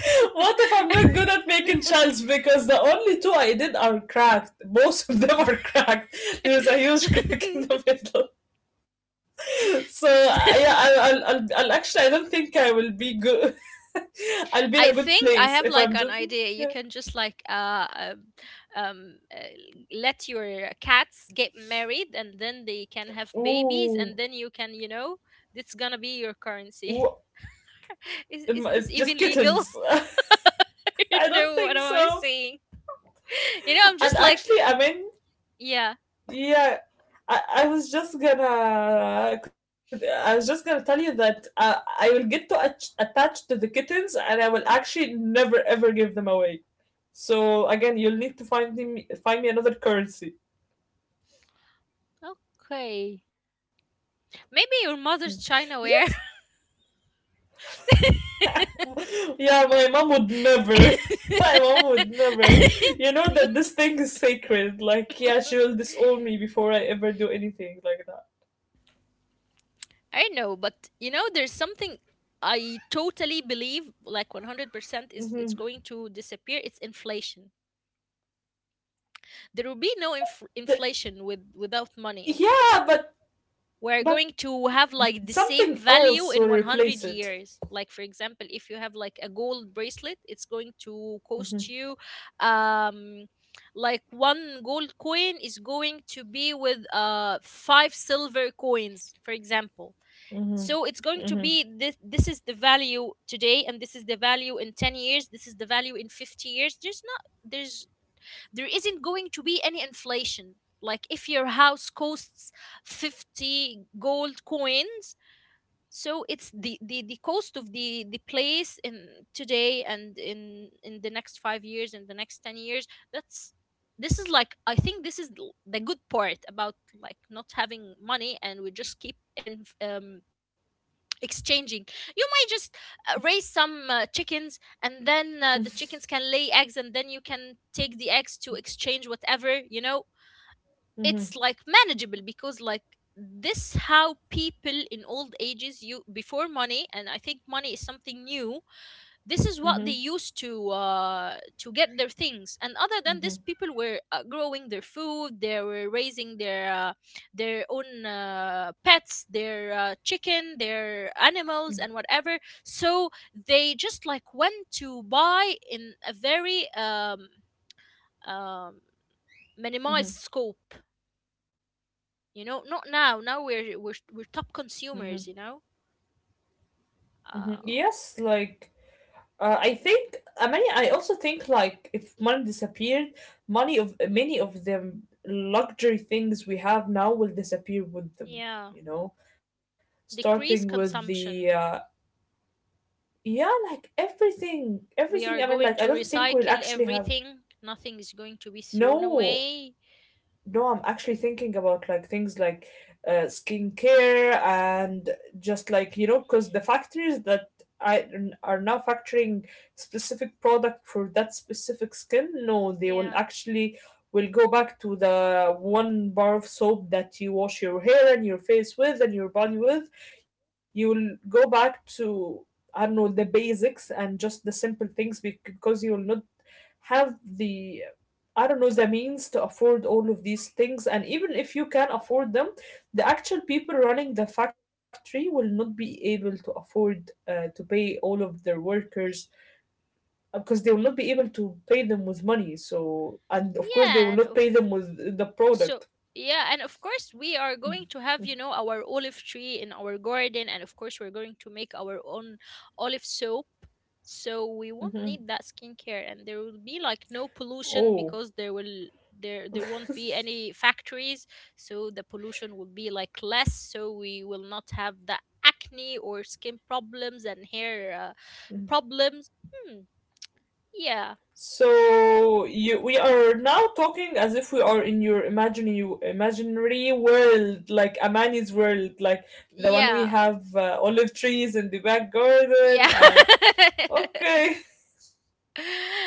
[SPEAKER 2] [LAUGHS] What if I'm not good
[SPEAKER 1] [LAUGHS]
[SPEAKER 2] at making shells? Because the only two I did are cracked. Most of them are cracked. There's a huge [LAUGHS] crack in the middle. [LAUGHS] So yeah, I'll actually I don't think I will be good. [LAUGHS] I'll be in
[SPEAKER 1] I
[SPEAKER 2] a good
[SPEAKER 1] think I have
[SPEAKER 2] place if
[SPEAKER 1] like
[SPEAKER 2] I'm
[SPEAKER 1] an
[SPEAKER 2] just
[SPEAKER 1] idea. You
[SPEAKER 2] yeah.
[SPEAKER 1] can just like um, uh, let your cats get married, and then they can have babies, and then
[SPEAKER 2] Ooh,
[SPEAKER 1] you can, you know, it's gonna be your
[SPEAKER 2] ooh,
[SPEAKER 1] currency. [LAUGHS]
[SPEAKER 2] it,
[SPEAKER 1] Is
[SPEAKER 2] it's
[SPEAKER 1] this
[SPEAKER 2] just
[SPEAKER 1] even
[SPEAKER 2] kittens.
[SPEAKER 1] legal? [LAUGHS]
[SPEAKER 2] [LAUGHS]
[SPEAKER 1] I
[SPEAKER 2] I
[SPEAKER 1] don't
[SPEAKER 2] don't
[SPEAKER 1] know
[SPEAKER 2] think
[SPEAKER 1] what am I
[SPEAKER 2] so.
[SPEAKER 1] saying. You know, I'm
[SPEAKER 2] And
[SPEAKER 1] just like,
[SPEAKER 2] actually, I mean,
[SPEAKER 1] yeah,
[SPEAKER 2] yeah, I was just gonna tell you that I will get to attached to the kittens and I will actually never ever give them away. So again, you'll need to find me another currency.
[SPEAKER 1] okay. Maybe
[SPEAKER 2] Hmm.
[SPEAKER 1] your mother's
[SPEAKER 2] Yes.
[SPEAKER 1] China ware.
[SPEAKER 2] [LAUGHS] Yeah, my mom would never. [LAUGHS] My mom would never.
[SPEAKER 1] [LAUGHS]
[SPEAKER 2] You know that this thing is sacred. Like, yeah, she will disown me before I ever do anything like that.
[SPEAKER 1] I know, but you know, there's something I totally believe, like 100%, is it's
[SPEAKER 2] Hmm.
[SPEAKER 1] going to disappear. It's inflation. There will be no
[SPEAKER 2] Uh, th-
[SPEAKER 1] inflation without money.
[SPEAKER 2] yeah,
[SPEAKER 1] We're going
[SPEAKER 2] but
[SPEAKER 1] to have like the same
[SPEAKER 2] something
[SPEAKER 1] value
[SPEAKER 2] else
[SPEAKER 1] in
[SPEAKER 2] will
[SPEAKER 1] 100
[SPEAKER 2] replace it.
[SPEAKER 1] years. Like, for example, if you have like a gold bracelet, it's going to cost you,
[SPEAKER 2] Mhm.
[SPEAKER 1] um, like one gold coin is going to be with five silver coins, for example.
[SPEAKER 2] Mhm.
[SPEAKER 1] So it's going to
[SPEAKER 2] Mhm.
[SPEAKER 1] be this is the value today, and this is the value in 10 years, this is the value in 50 years. There's not, there's there isn't going to be any inflation. Like, if your house costs 50 gold coins, so it's the cost of the place in today and in the next 5 years and the next 10 years. That's This is like, I think this is the good part about like not having money, and we just keep in, exchanging. You might just raise some chickens, and then the
[SPEAKER 2] Mhm.
[SPEAKER 1] chickens can lay eggs, and then you can take the eggs to exchange whatever, you know. It's like
[SPEAKER 2] Mhm.
[SPEAKER 1] manageable, because like, this how people in old ages, you, before money, and I think money is something new, this is what they used
[SPEAKER 2] Mhm.
[SPEAKER 1] to get their things. And other than this, people
[SPEAKER 2] Mhm.
[SPEAKER 1] were growing their food, they were raising their own pets, their chicken, their animals and whatever. So they just like went to buy in a very um, minimized
[SPEAKER 2] Mhm.
[SPEAKER 1] scope, you know. Not now, now we're we're top
[SPEAKER 2] Mhm.
[SPEAKER 1] consumers, you know.
[SPEAKER 2] Mhm.
[SPEAKER 1] uh,
[SPEAKER 2] Yes, like, I think, I mean, I also think like if money disappeared, money of many of the luxury things we have now will disappear with them.
[SPEAKER 1] yeah,
[SPEAKER 2] You know, starting
[SPEAKER 1] decrease
[SPEAKER 2] with the
[SPEAKER 1] consumption.
[SPEAKER 2] yeah, like everything,
[SPEAKER 1] We are
[SPEAKER 2] everything. I mean,
[SPEAKER 1] going
[SPEAKER 2] like,
[SPEAKER 1] to
[SPEAKER 2] I don't think we'll
[SPEAKER 1] recycle
[SPEAKER 2] actually have
[SPEAKER 1] everything. Nothing is going to be thrown
[SPEAKER 2] no
[SPEAKER 1] away.
[SPEAKER 2] no, I'm actually thinking about like things like skincare and just like, you know, because the factories that I are now factoring specific product for that specific skin. No, they will
[SPEAKER 1] Yeah.
[SPEAKER 2] actually will go back to the one bar of soap that you wash your hair and your face with and your body with. You will go back to, I don't know, the basics and just the simple things, because you will not have the, I don't know, the means to afford all of these things, and even if you can afford them, the actual people running the factory will not be able to afford to pay all of their workers, because they will not be able to pay them with money. So, and of course, they
[SPEAKER 1] Yeah,
[SPEAKER 2] will
[SPEAKER 1] and
[SPEAKER 2] not
[SPEAKER 1] of,
[SPEAKER 2] pay them with the
[SPEAKER 1] so
[SPEAKER 2] product.
[SPEAKER 1] yeah, and of course we are going to have, you know, our olive tree in our garden, and of course we're going to make our own olive soap. So we won't
[SPEAKER 2] Hmm.
[SPEAKER 1] need that skincare, and there will be like no pollution,
[SPEAKER 2] Oh.
[SPEAKER 1] because there there won't be any factories. So the pollution will be like less, so we will not have the acne or skin problems and hair
[SPEAKER 2] Mm-hmm.
[SPEAKER 1] problems. Hmm, yeah,
[SPEAKER 2] So you, we are now talking as if we are in your imaginary imaginary world, like Amani's world, like the one we
[SPEAKER 1] yeah,
[SPEAKER 2] have olive trees in the back garden
[SPEAKER 1] yeah.
[SPEAKER 2] and
[SPEAKER 1] [LAUGHS]
[SPEAKER 2] okay,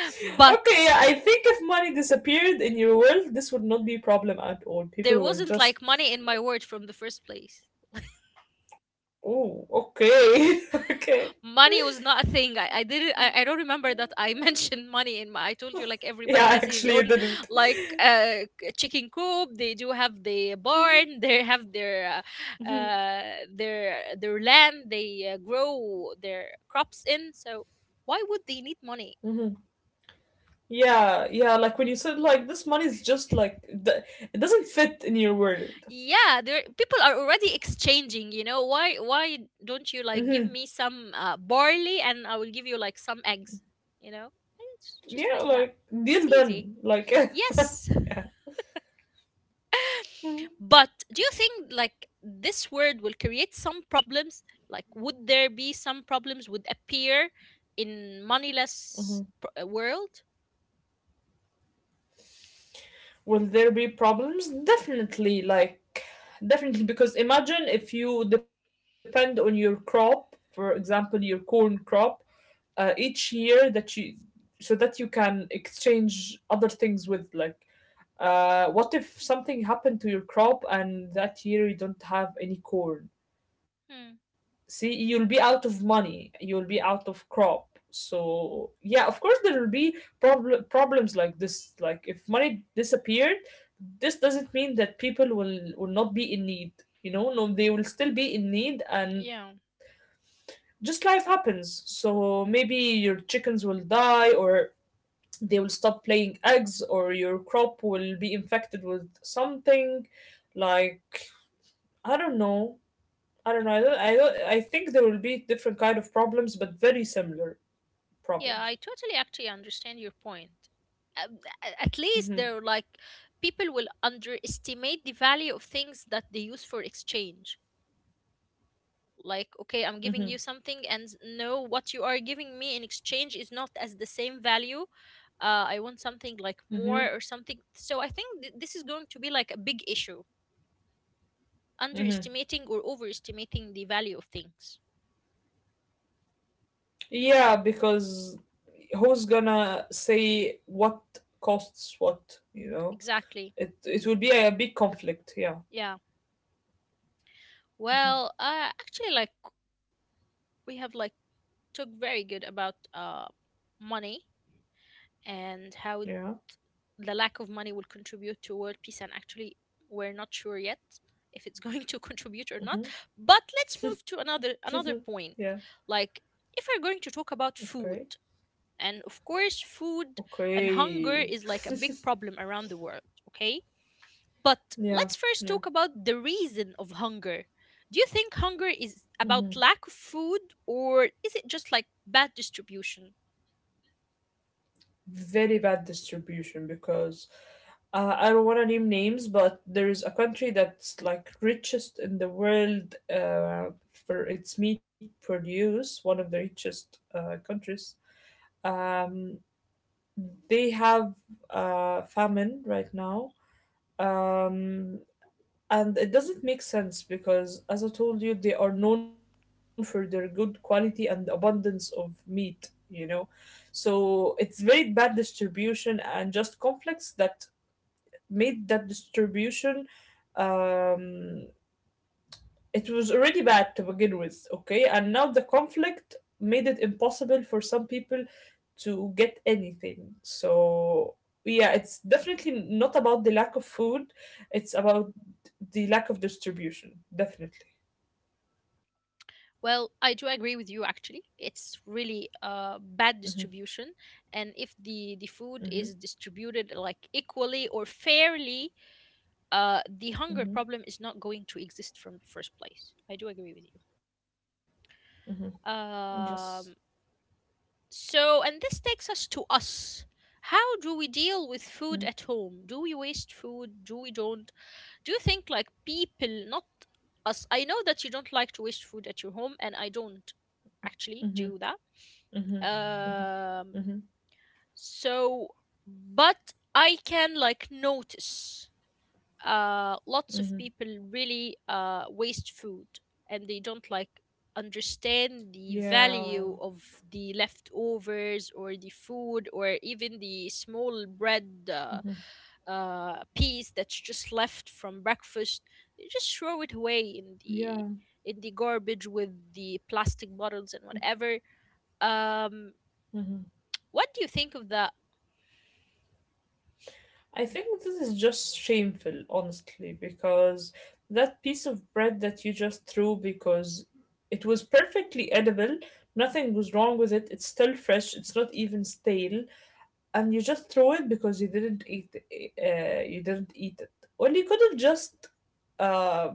[SPEAKER 2] [LAUGHS]
[SPEAKER 1] But
[SPEAKER 2] okay. Yeah, I think if money disappeared in your world, this would not be a problem at all. People
[SPEAKER 1] there
[SPEAKER 2] will
[SPEAKER 1] wasn't
[SPEAKER 2] just
[SPEAKER 1] like money in my word from the first place.
[SPEAKER 2] oh, okay, [LAUGHS] okay.
[SPEAKER 1] [GASPS] Money was not a thing. I didn't. I don't remember that I [LAUGHS] mentioned money in my. I told you like everybody
[SPEAKER 2] Yeah,
[SPEAKER 1] has his
[SPEAKER 2] actually, you
[SPEAKER 1] own
[SPEAKER 2] didn't.
[SPEAKER 1] like chicken coop. They do have the barn. They have uh, uh their land. They grow their crops in. So why would they need money?
[SPEAKER 2] [LAUGHS] Yeah, yeah, like when you said like this money is just like the, it
[SPEAKER 1] [LAUGHS]
[SPEAKER 2] doesn't fit in your world.
[SPEAKER 1] Yeah, there, people are already exchanging, you know. Why don't you
[SPEAKER 2] Mm-hmm.
[SPEAKER 1] like give me some barley and I will give you like some eggs, you know. And it's just
[SPEAKER 2] Yeah,
[SPEAKER 1] like that,
[SPEAKER 2] like
[SPEAKER 1] it's
[SPEAKER 2] deal
[SPEAKER 1] easy.
[SPEAKER 2] done. Like [LAUGHS] yeah.
[SPEAKER 1] Yes,
[SPEAKER 2] Mm-hmm.
[SPEAKER 1] but do you think like this word will create some problems, like would there be some problems would appear in
[SPEAKER 2] Mm-hmm.
[SPEAKER 1] moneyless world?
[SPEAKER 2] Will there be problems? Definitely, like definitely, because imagine if you depend on your crop, for example, your corn crop, each year that you, so that you can exchange other things with, like what if something happened to your crop and that year you don't have any corn?
[SPEAKER 1] Hmm.
[SPEAKER 2] See, you'll be out of money, you'll be out of crop. So yeah, of course there will be problems like this. Like if money disappeared, this doesn't mean that people will not be in need. You know, no, they will still be in need, and just life happens. So maybe your chickens will die, or they will stop laying eggs, or your crop will be infected with something, like, I don't know. I don't. I think there will be different kind of problems, but very similar
[SPEAKER 1] Yeah, I
[SPEAKER 2] problems.
[SPEAKER 1] totally actually understand your point. At least
[SPEAKER 2] Mm-hmm.
[SPEAKER 1] they're like, people will underestimate the value of things that they use for exchange. Like,
[SPEAKER 2] Mm-hmm.
[SPEAKER 1] okay, I'm giving you something, and no, what you are giving me in exchange is not as the same value. I want something like
[SPEAKER 2] Mm-hmm.
[SPEAKER 1] more or something. So I think this is going to be like a big issue,
[SPEAKER 2] Mm-hmm.
[SPEAKER 1] underestimating or overestimating the value of things.
[SPEAKER 2] Yeah, because who's gonna say what costs what? You know,
[SPEAKER 1] Exactly.
[SPEAKER 2] it will be a big conflict. Yeah.
[SPEAKER 1] Yeah.
[SPEAKER 2] Mm-hmm.
[SPEAKER 1] Well, actually, like we have like talked very good about money and how it,
[SPEAKER 2] Yeah.
[SPEAKER 1] the lack of money will contribute to world peace. And actually, we're not sure yet if it's going to [LAUGHS] contribute or not. But let's move to
[SPEAKER 2] Mm-hmm.
[SPEAKER 1] another
[SPEAKER 2] [LAUGHS] Yeah.
[SPEAKER 1] point. Like, if we're going to talk about
[SPEAKER 2] Okay.
[SPEAKER 1] food, and of course, food and hunger
[SPEAKER 2] Okay.
[SPEAKER 1] is like a big problem around the world. Okay, but let's
[SPEAKER 2] Yeah.
[SPEAKER 1] first
[SPEAKER 2] Yeah.
[SPEAKER 1] talk about the reason of hunger. Do you think hunger is
[SPEAKER 2] Mhm.
[SPEAKER 1] about lack of food or is it just like bad distribution?
[SPEAKER 2] Very bad distribution, because I don't want to name names, but there's a country that's like richest in the world for its meat produce, one of the richest countries. Um, they have famine right now, um, and it doesn't make sense because, as I told you, they are known for their good quality and abundance of meat. You know, so it's very bad distribution and just conflicts that made that distribution, um, it was already bad to begin with, okay, and now the conflict made it impossible for some people to get anything. So yeah, it's definitely not about the lack of food, it's about the lack of distribution, definitely.
[SPEAKER 1] Well, I do agree with you actually. It's really a bad
[SPEAKER 2] Mm-hmm.
[SPEAKER 1] distribution, and if the food is
[SPEAKER 2] Mm-hmm.
[SPEAKER 1] distributed like equally or fairly, the hunger
[SPEAKER 2] Mm-hmm.
[SPEAKER 1] problem is not going to exist from the first place. I do agree with you.
[SPEAKER 2] Mm-hmm. Just
[SPEAKER 1] Um so and this takes us to us. How do we deal with food
[SPEAKER 2] mm-hmm.
[SPEAKER 1] at home? Do we waste food? Do we don't? Do you think like people not us? I know that you don't like to waste food at your home, and I don't actually
[SPEAKER 2] Mm-hmm.
[SPEAKER 1] do that.
[SPEAKER 2] Mm-hmm.
[SPEAKER 1] Um,
[SPEAKER 2] Mm-hmm.
[SPEAKER 1] so, but I can like notice lots of
[SPEAKER 2] Mm-hmm.
[SPEAKER 1] people really waste food, and they don't like understand the
[SPEAKER 2] Yeah.
[SPEAKER 1] value of the leftovers or the food or even the small bread
[SPEAKER 2] Mm-hmm.
[SPEAKER 1] piece that's just left from breakfast. They just throw it away in the
[SPEAKER 2] Yeah.
[SPEAKER 1] in the garbage with the plastic bottles and whatever. um
[SPEAKER 2] Mm-hmm.
[SPEAKER 1] what do you think of that?
[SPEAKER 2] I think this is just shameful, honestly, because that piece of bread that you just threw because it was perfectly edible, nothing was wrong with it, it's still fresh, it's not even stale, and you just throw it because you didn't eat it, or you could have just uh,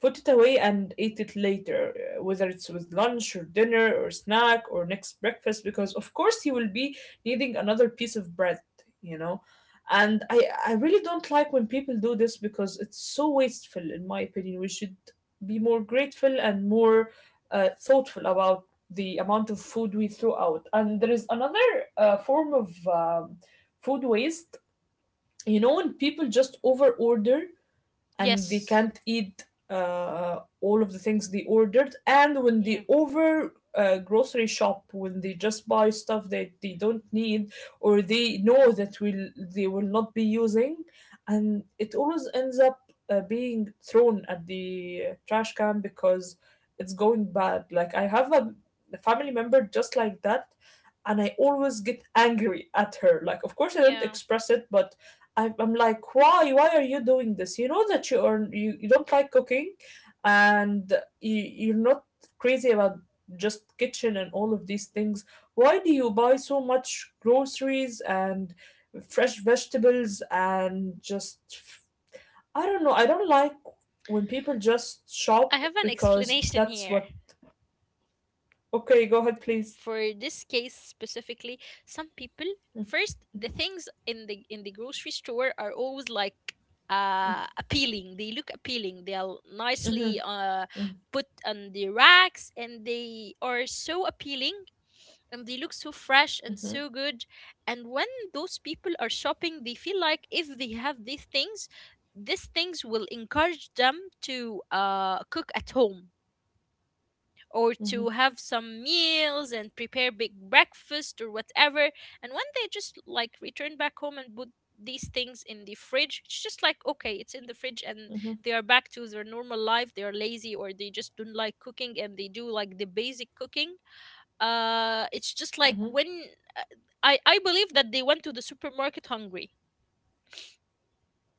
[SPEAKER 2] put it away and eat it later, whether it's with lunch or dinner or snack or next breakfast, because of course you will be needing another piece of bread you know and I really don't like when people do this because it's so wasteful. In my opinion, we should be more grateful and more thoughtful about the amount of food we throw out. And there is another form of food waste. You know, when people just over order and they
[SPEAKER 1] Yes.
[SPEAKER 2] can't eat all of the things they ordered. And when
[SPEAKER 1] Yeah.
[SPEAKER 2] they over grocery shop, when they just buy stuff that they don't need, or they will not be using, and it always ends up being thrown at the trash can because it's going bad. Like I have a family member just like that, and I always get angry at her. Like, of course I don't
[SPEAKER 1] Yeah.
[SPEAKER 2] express it, but I'm like, why? Why are you doing this? You know that you don't like cooking, and you're not crazy about just kitchen and all of these things. Why do you buy so much groceries and fresh vegetables and just I don't know. I don't like when people just
[SPEAKER 1] I
[SPEAKER 2] shop
[SPEAKER 1] have an [LAUGHS]
[SPEAKER 2] because
[SPEAKER 1] explanation
[SPEAKER 2] that's
[SPEAKER 1] here.
[SPEAKER 2] what. Okay, go ahead, please.
[SPEAKER 1] For this case specifically, some people, first, the things in the grocery store are always like appealing. They look appealing. They are
[SPEAKER 2] Mm-hmm,
[SPEAKER 1] nicely put on the racks, and they are so appealing, and they look so fresh and
[SPEAKER 2] mm-hmm,
[SPEAKER 1] so good. And when those people are shopping, they feel like if they have these things, these things will encourage them to cook at home or
[SPEAKER 2] mm-hmm,
[SPEAKER 1] to have some meals and prepare big breakfast or whatever. And when they just like return back home and put these things in the fridge, it's just like okay, it's in the fridge, and they are back to their normal life. They are lazy or they just don't like cooking, and they do like the basic cooking. It's just like
[SPEAKER 2] mm-hmm,
[SPEAKER 1] when I believe that they went to the supermarket hungry.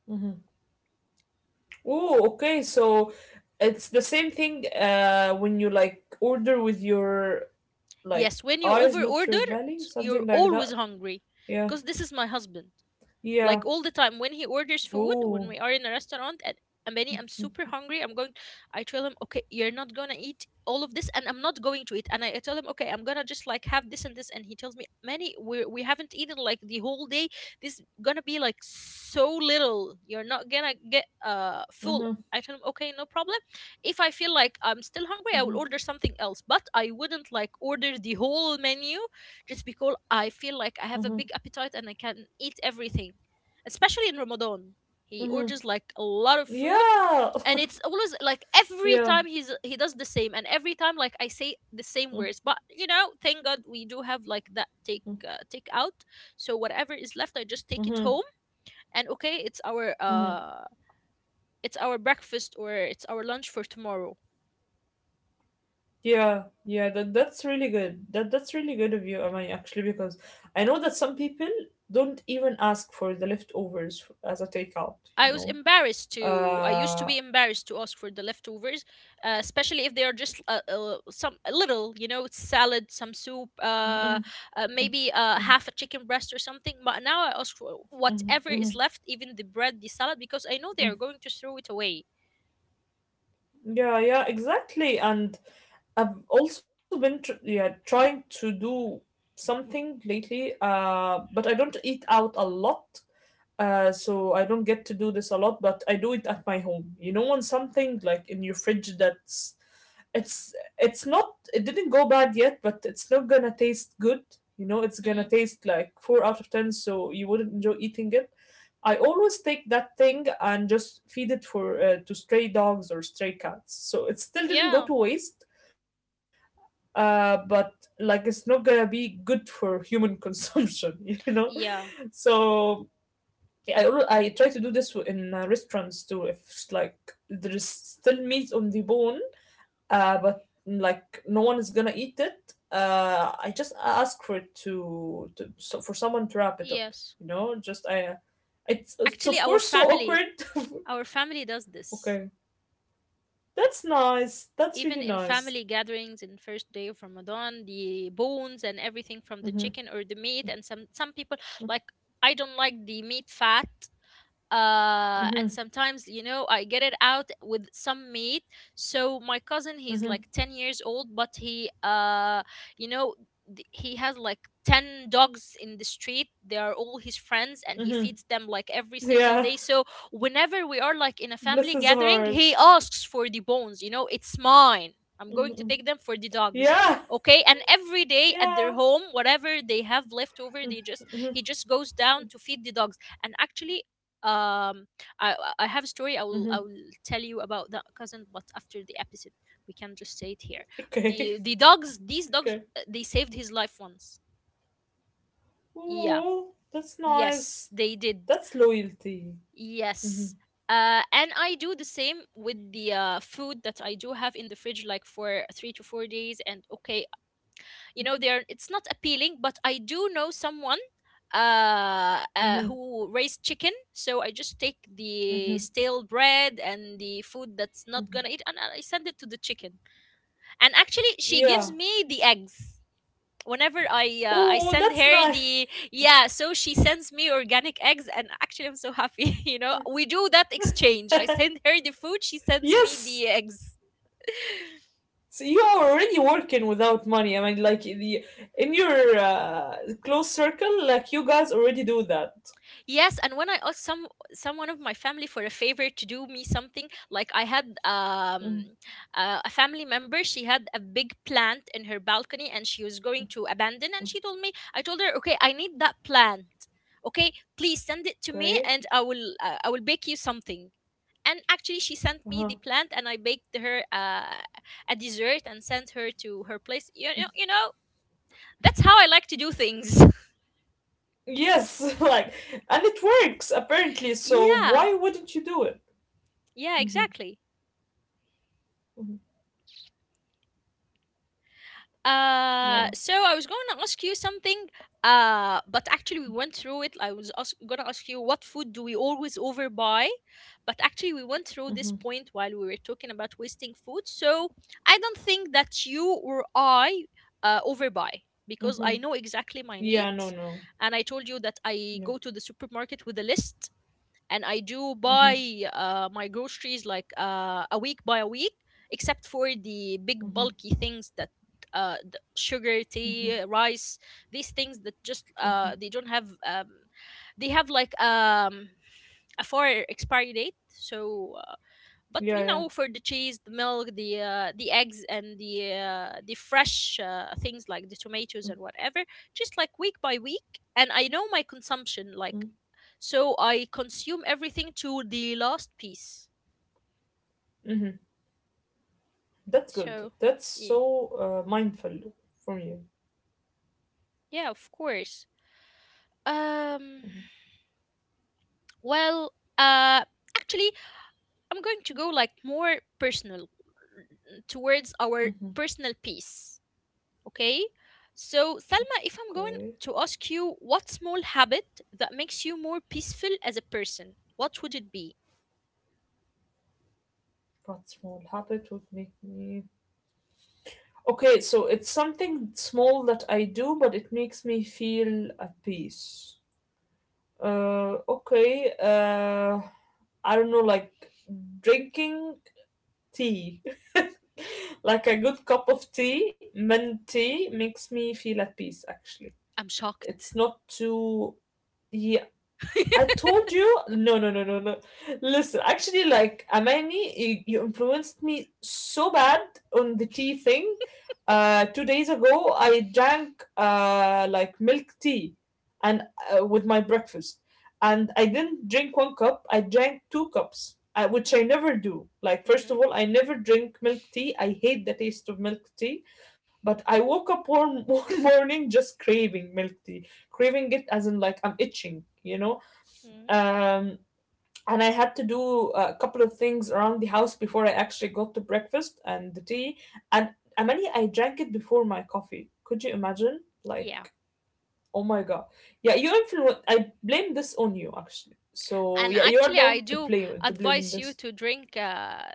[SPEAKER 2] mm-hmm. Oh, okay. So it's the same thing when you like order with your like
[SPEAKER 1] Yes, when you
[SPEAKER 2] eyes, not your
[SPEAKER 1] overorder,
[SPEAKER 2] belly,
[SPEAKER 1] it's- you're
[SPEAKER 2] something like
[SPEAKER 1] always
[SPEAKER 2] that.
[SPEAKER 1] hungry.
[SPEAKER 2] Yeah.
[SPEAKER 1] Because this is my husband, like
[SPEAKER 2] Yeah.
[SPEAKER 1] all the time when he orders food when
[SPEAKER 2] Oh.
[SPEAKER 1] we are in a restaurant. And Amani, I'm super hungry. I'm going. I tell him, okay, you're not gonna eat all of this, and I'm not going to eat. And I tell him, okay, I'm gonna just like have this and this. And he tells me, Manny, we haven't eaten like the whole day. This gonna be like so little. You're not gonna get full.
[SPEAKER 2] Mhm.
[SPEAKER 1] I tell him, okay, no problem. If I feel like I'm still hungry, I will
[SPEAKER 2] Mhm.
[SPEAKER 1] order something else. But I wouldn't like order the whole menu just because I feel like I have a
[SPEAKER 2] Mhm.
[SPEAKER 1] big appetite and I can eat everything, especially in Ramadan. He
[SPEAKER 2] Mhm.
[SPEAKER 1] orders like a lot of food,
[SPEAKER 2] Yeah.
[SPEAKER 1] and
[SPEAKER 2] [LAUGHS]
[SPEAKER 1] it's always like every
[SPEAKER 2] yeah.
[SPEAKER 1] time he does the same, and every time like I say the same
[SPEAKER 2] Mhm.
[SPEAKER 1] words. But you know, thank God we do have like that take out. So whatever is left, I just take it
[SPEAKER 2] Mhm.
[SPEAKER 1] home, and okay,
[SPEAKER 2] Mhm.
[SPEAKER 1] it's our breakfast or it's our lunch for tomorrow.
[SPEAKER 2] Yeah. Yeah, that that's really good. That that's really good of you, Amani, actually, because I know that some people don't even ask for the as a takeout, you
[SPEAKER 1] I was
[SPEAKER 2] know.
[SPEAKER 1] embarrassed to. I used to
[SPEAKER 2] Uh
[SPEAKER 1] be embarrassed to ask for the leftovers, especially if they are just some a little, you know, salad, some soup,
[SPEAKER 2] Mhm.
[SPEAKER 1] maybe half a chicken breast or something. But now I ask for
[SPEAKER 2] Mhm.
[SPEAKER 1] whatever is
[SPEAKER 2] Mhm.
[SPEAKER 1] left, even the bread, the salad, because I know they are going to throw it away.
[SPEAKER 2] Yeah, yeah, exactly. And I've also been tr yeah trying to do something lately. But I don't eat out a lot. So I don't get to do this a lot, but I do it at my home. You know, when something like in your fridge that's it's it's not it didn't go bad yet, but it's not gonna taste good. You know, it's
[SPEAKER 1] Hmm.
[SPEAKER 2] gonna taste like four out of ten, so you wouldn't enjoy eating it. I always take that thing and just feed it for to stray dogs or stray cats. So it
[SPEAKER 1] Yeah.
[SPEAKER 2] still didn't go to waste, but like it's not gonna be good for human consumption, [LAUGHS] you know.
[SPEAKER 1] Yeah.
[SPEAKER 2] So I try to do this in restaurants too. If it's like there is still meat on the bone, but like no one is gonna eat it. I just ask for it to so for someone to wrap it up.
[SPEAKER 1] Yes.
[SPEAKER 2] You know, just it's
[SPEAKER 1] Actually,
[SPEAKER 2] of
[SPEAKER 1] our
[SPEAKER 2] course so
[SPEAKER 1] family,
[SPEAKER 2] awkward.
[SPEAKER 1] our family does
[SPEAKER 2] [LAUGHS]
[SPEAKER 1] this.
[SPEAKER 2] okay, that's nice. That's
[SPEAKER 1] Even
[SPEAKER 2] really
[SPEAKER 1] in
[SPEAKER 2] nice.
[SPEAKER 1] family gatherings in first day of Ramadan, the bones and everything
[SPEAKER 2] Mhm.
[SPEAKER 1] from the chicken or the meat, and some people like, I don't like the meat fat, and
[SPEAKER 2] Mhm.
[SPEAKER 1] sometimes, you know, I get it out with some meat. So my cousin, he's
[SPEAKER 2] Mhm.
[SPEAKER 1] like 10 years old, but he you know, he has like 10 dogs in the street. They are all his friends, and he
[SPEAKER 2] Mhm.
[SPEAKER 1] feeds them like every single
[SPEAKER 2] Yeah.
[SPEAKER 1] day. So whenever we are like in a
[SPEAKER 2] Bless
[SPEAKER 1] family
[SPEAKER 2] his
[SPEAKER 1] gathering,
[SPEAKER 2] heart.
[SPEAKER 1] he asks for the bones. You know, it's mine, I'm going to take
[SPEAKER 2] Mhm.
[SPEAKER 1] them for the dogs.
[SPEAKER 2] Yeah.
[SPEAKER 1] Okay, and every day at their
[SPEAKER 2] Yeah.
[SPEAKER 1] home, whatever they have left over, they just,
[SPEAKER 2] Mhm.
[SPEAKER 1] he just goes down to feed the dogs. And actually um I have a story. i will i
[SPEAKER 2] Mhm.
[SPEAKER 1] will tell you about that cousin, but after the episode we can just say it here. the
[SPEAKER 2] Okay. [LAUGHS]
[SPEAKER 1] the dogs, these dogs,
[SPEAKER 2] Okay.
[SPEAKER 1] they saved his life once. Yeah,
[SPEAKER 2] Oh, that's nice.
[SPEAKER 1] yes they did.
[SPEAKER 2] That's loyalty.
[SPEAKER 1] Yes.
[SPEAKER 2] Mhm.
[SPEAKER 1] And I do the same with the food that I do have in the fridge, like for 3 to 4 days. And okay, you know, they're it's not appealing, but I do know someone
[SPEAKER 2] Mhm.
[SPEAKER 1] who raised chicken. So I just take the
[SPEAKER 2] Mhm.
[SPEAKER 1] stale bread and the food that's not
[SPEAKER 2] Mhm.
[SPEAKER 1] gonna eat, and I send it to the chicken. And actually, she gives
[SPEAKER 2] Yeah.
[SPEAKER 1] me the eggs whenever I
[SPEAKER 2] Oh,
[SPEAKER 1] send
[SPEAKER 2] that's
[SPEAKER 1] her
[SPEAKER 2] nice.
[SPEAKER 1] the yeah, so she sends me organic eggs, and actually, I'm so happy. [LAUGHS] You know, we do that exchange: I
[SPEAKER 2] [LAUGHS]
[SPEAKER 1] send her the food, she sends me
[SPEAKER 2] yes,
[SPEAKER 1] the eggs.
[SPEAKER 2] so you are already working without money. I mean, like in your close circle, like you guys already do that.
[SPEAKER 1] Yes, and when I asked someone of my family for a favor to do me something, like I had
[SPEAKER 2] Mm.
[SPEAKER 1] a family member, she had a big plant in her balcony and she was going to abandon, and I told her, okay, I need that plant, okay, please send it to me,
[SPEAKER 2] Okay.
[SPEAKER 1] and I will bake you something. And actually, she sent me
[SPEAKER 2] Uh-huh.
[SPEAKER 1] the plant, and I baked her a dessert and sent her to her place. You know, that's how I like to do things.
[SPEAKER 2] Yes, [LAUGHS] like, and it works apparently. So
[SPEAKER 1] [LAUGHS] Yeah,
[SPEAKER 2] why wouldn't you do it?
[SPEAKER 1] yeah,
[SPEAKER 2] Mm-hmm.
[SPEAKER 1] exactly.
[SPEAKER 2] Hmm. Yeah.
[SPEAKER 1] So I was going to ask you something, but actually we went through it. Gonna ask you, what food do we always overbuy? But actually, we went through this
[SPEAKER 2] Mm-hmm.
[SPEAKER 1] point while we were talking about wasting food. So I don't think that you or I overbuy, because
[SPEAKER 2] Mm-hmm.
[SPEAKER 1] I know exactly my
[SPEAKER 2] Yeah. No.
[SPEAKER 1] needs,
[SPEAKER 2] No.
[SPEAKER 1] and I told you that I
[SPEAKER 2] Yeah.
[SPEAKER 1] go to the supermarket with a list, and I do
[SPEAKER 2] Mm-hmm.
[SPEAKER 1] buy my groceries like a week by a week, except for the big
[SPEAKER 2] Mm-hmm.
[SPEAKER 1] bulky things that the sugar,
[SPEAKER 2] Mm-hmm.
[SPEAKER 1] tea, rice, these things that just
[SPEAKER 2] Mm-hmm.
[SPEAKER 1] they don't have. They have like a four expiry date. So, but
[SPEAKER 2] Yeah.
[SPEAKER 1] you
[SPEAKER 2] Yeah.
[SPEAKER 1] know, for the cheese, the milk, the eggs, and the fresh things like the tomatoes and whatever, just like week by week. And I know my consumption, like,
[SPEAKER 2] Mm-hmm.
[SPEAKER 1] so I consume everything to the last piece.
[SPEAKER 2] Mm-hmm. That's
[SPEAKER 1] So
[SPEAKER 2] good. That's
[SPEAKER 1] yeah,
[SPEAKER 2] so mindful from you.
[SPEAKER 1] yeah, of course. Um, well, uh, actually, I'm going to go like more personal towards our
[SPEAKER 2] Mm-hmm.
[SPEAKER 1] personal piece. Okay. So Salma, if I'm going
[SPEAKER 2] Okay,
[SPEAKER 1] to ask you what small habit that makes you more peaceful as a person, what would it be?
[SPEAKER 2] what small habit would make me. Okay, so it's something small that I do, but it makes me feel at peace. Uh, okay, uh, I don't know, like drinking tea. [LAUGHS] Like a good cup of tea, mint tea, makes me feel at peace, actually.
[SPEAKER 1] I'm shocked.
[SPEAKER 2] It's not too. Yeah, I told you, no, no, no, no, no. Listen, actually, like Amani, you influenced me so bad on the tea thing. 2 days ago, I drank like milk tea, and with my breakfast, and I didn't drink one cup. I drank two cups, which I
[SPEAKER 1] Hmm.
[SPEAKER 2] never do. Like first
[SPEAKER 1] Mhm,
[SPEAKER 2] of all, I never drink milk tea. I hate the taste of milk tea. But I woke up [LAUGHS] one morning just craving milk tea, craving it as in like I'm itching, you know.
[SPEAKER 1] mhm.
[SPEAKER 2] um, and I had to do a couple of things around the house before I actually got to breakfast and the tea. And Amani, I drank it before my coffee. Could you imagine? Like,
[SPEAKER 1] Yeah.
[SPEAKER 2] oh my god. Yeah, you influence. I blame this on you actually. So
[SPEAKER 1] And
[SPEAKER 2] yeah, you are
[SPEAKER 1] actually,
[SPEAKER 2] the
[SPEAKER 1] I
[SPEAKER 2] one
[SPEAKER 1] do
[SPEAKER 2] to blame on
[SPEAKER 1] advise you
[SPEAKER 2] this.
[SPEAKER 1] to drink.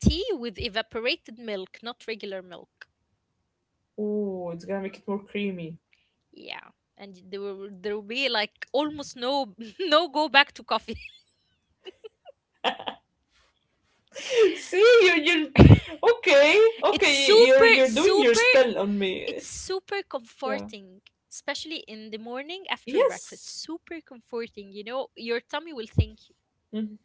[SPEAKER 1] Tea with evaporated milk, not regular milk.
[SPEAKER 2] Oh, it's gonna make it more creamy.
[SPEAKER 1] Yeah. And there will be like almost no [LAUGHS] no go back to coffee.
[SPEAKER 2] [LAUGHS] See,
[SPEAKER 1] [LAUGHS]
[SPEAKER 2] you're okay,
[SPEAKER 1] it's
[SPEAKER 2] okay. You're
[SPEAKER 1] super
[SPEAKER 2] you're doing your
[SPEAKER 1] super
[SPEAKER 2] spell on me.
[SPEAKER 1] it's super
[SPEAKER 2] Yeah.
[SPEAKER 1] comforting, especially in the morning after
[SPEAKER 2] Yes.
[SPEAKER 1] breakfast. Super comforting, you know, your tummy will thank you.
[SPEAKER 2] Mm-hmm.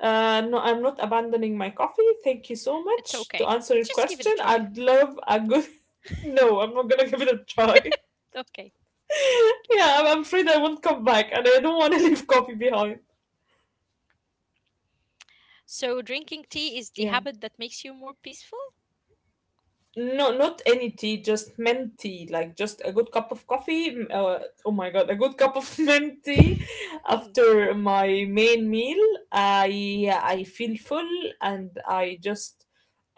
[SPEAKER 2] No, I'm not abandoning my coffee. Thank you so
[SPEAKER 1] It's
[SPEAKER 2] much. To
[SPEAKER 1] okay.
[SPEAKER 2] answer your
[SPEAKER 1] Let's just give it a
[SPEAKER 2] question,
[SPEAKER 1] try.
[SPEAKER 2] I'd love a good. [LAUGHS] No, I'm not gonna [LAUGHS] give it a try.
[SPEAKER 1] Okay.
[SPEAKER 2] [LAUGHS] yeah, I'm afraid I won't come back, and I don't want to [LAUGHS] leave coffee behind.
[SPEAKER 1] So drinking tea is the
[SPEAKER 2] Yeah.
[SPEAKER 1] habit that makes you more peaceful?
[SPEAKER 2] No, not any tea, just mint tea, like just a good cup of coffee. Oh my god, a good cup of [LAUGHS] mint tea
[SPEAKER 1] Hmm,
[SPEAKER 2] after my main meal. I feel full and I just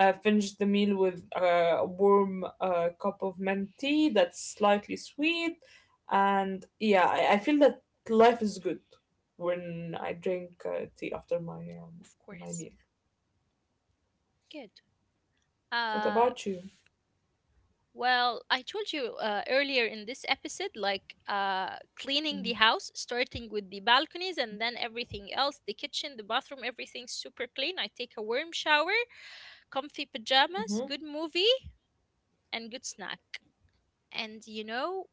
[SPEAKER 2] finish the meal with a warm cup of mint tea that's slightly sweet, and yeah, I feel that life is good when I drink tea after my
[SPEAKER 1] of
[SPEAKER 2] my
[SPEAKER 1] course.
[SPEAKER 2] meal.
[SPEAKER 1] Good.
[SPEAKER 2] What
[SPEAKER 1] Uh,
[SPEAKER 2] about you?
[SPEAKER 1] well, I told you earlier in this episode, like cleaning the house, starting with the balconies and then everything else, the kitchen, the bathroom, everything's super clean. I take a warm shower, comfy pajamas,
[SPEAKER 2] Mm-hmm.
[SPEAKER 1] good movie, and good snack. And you know,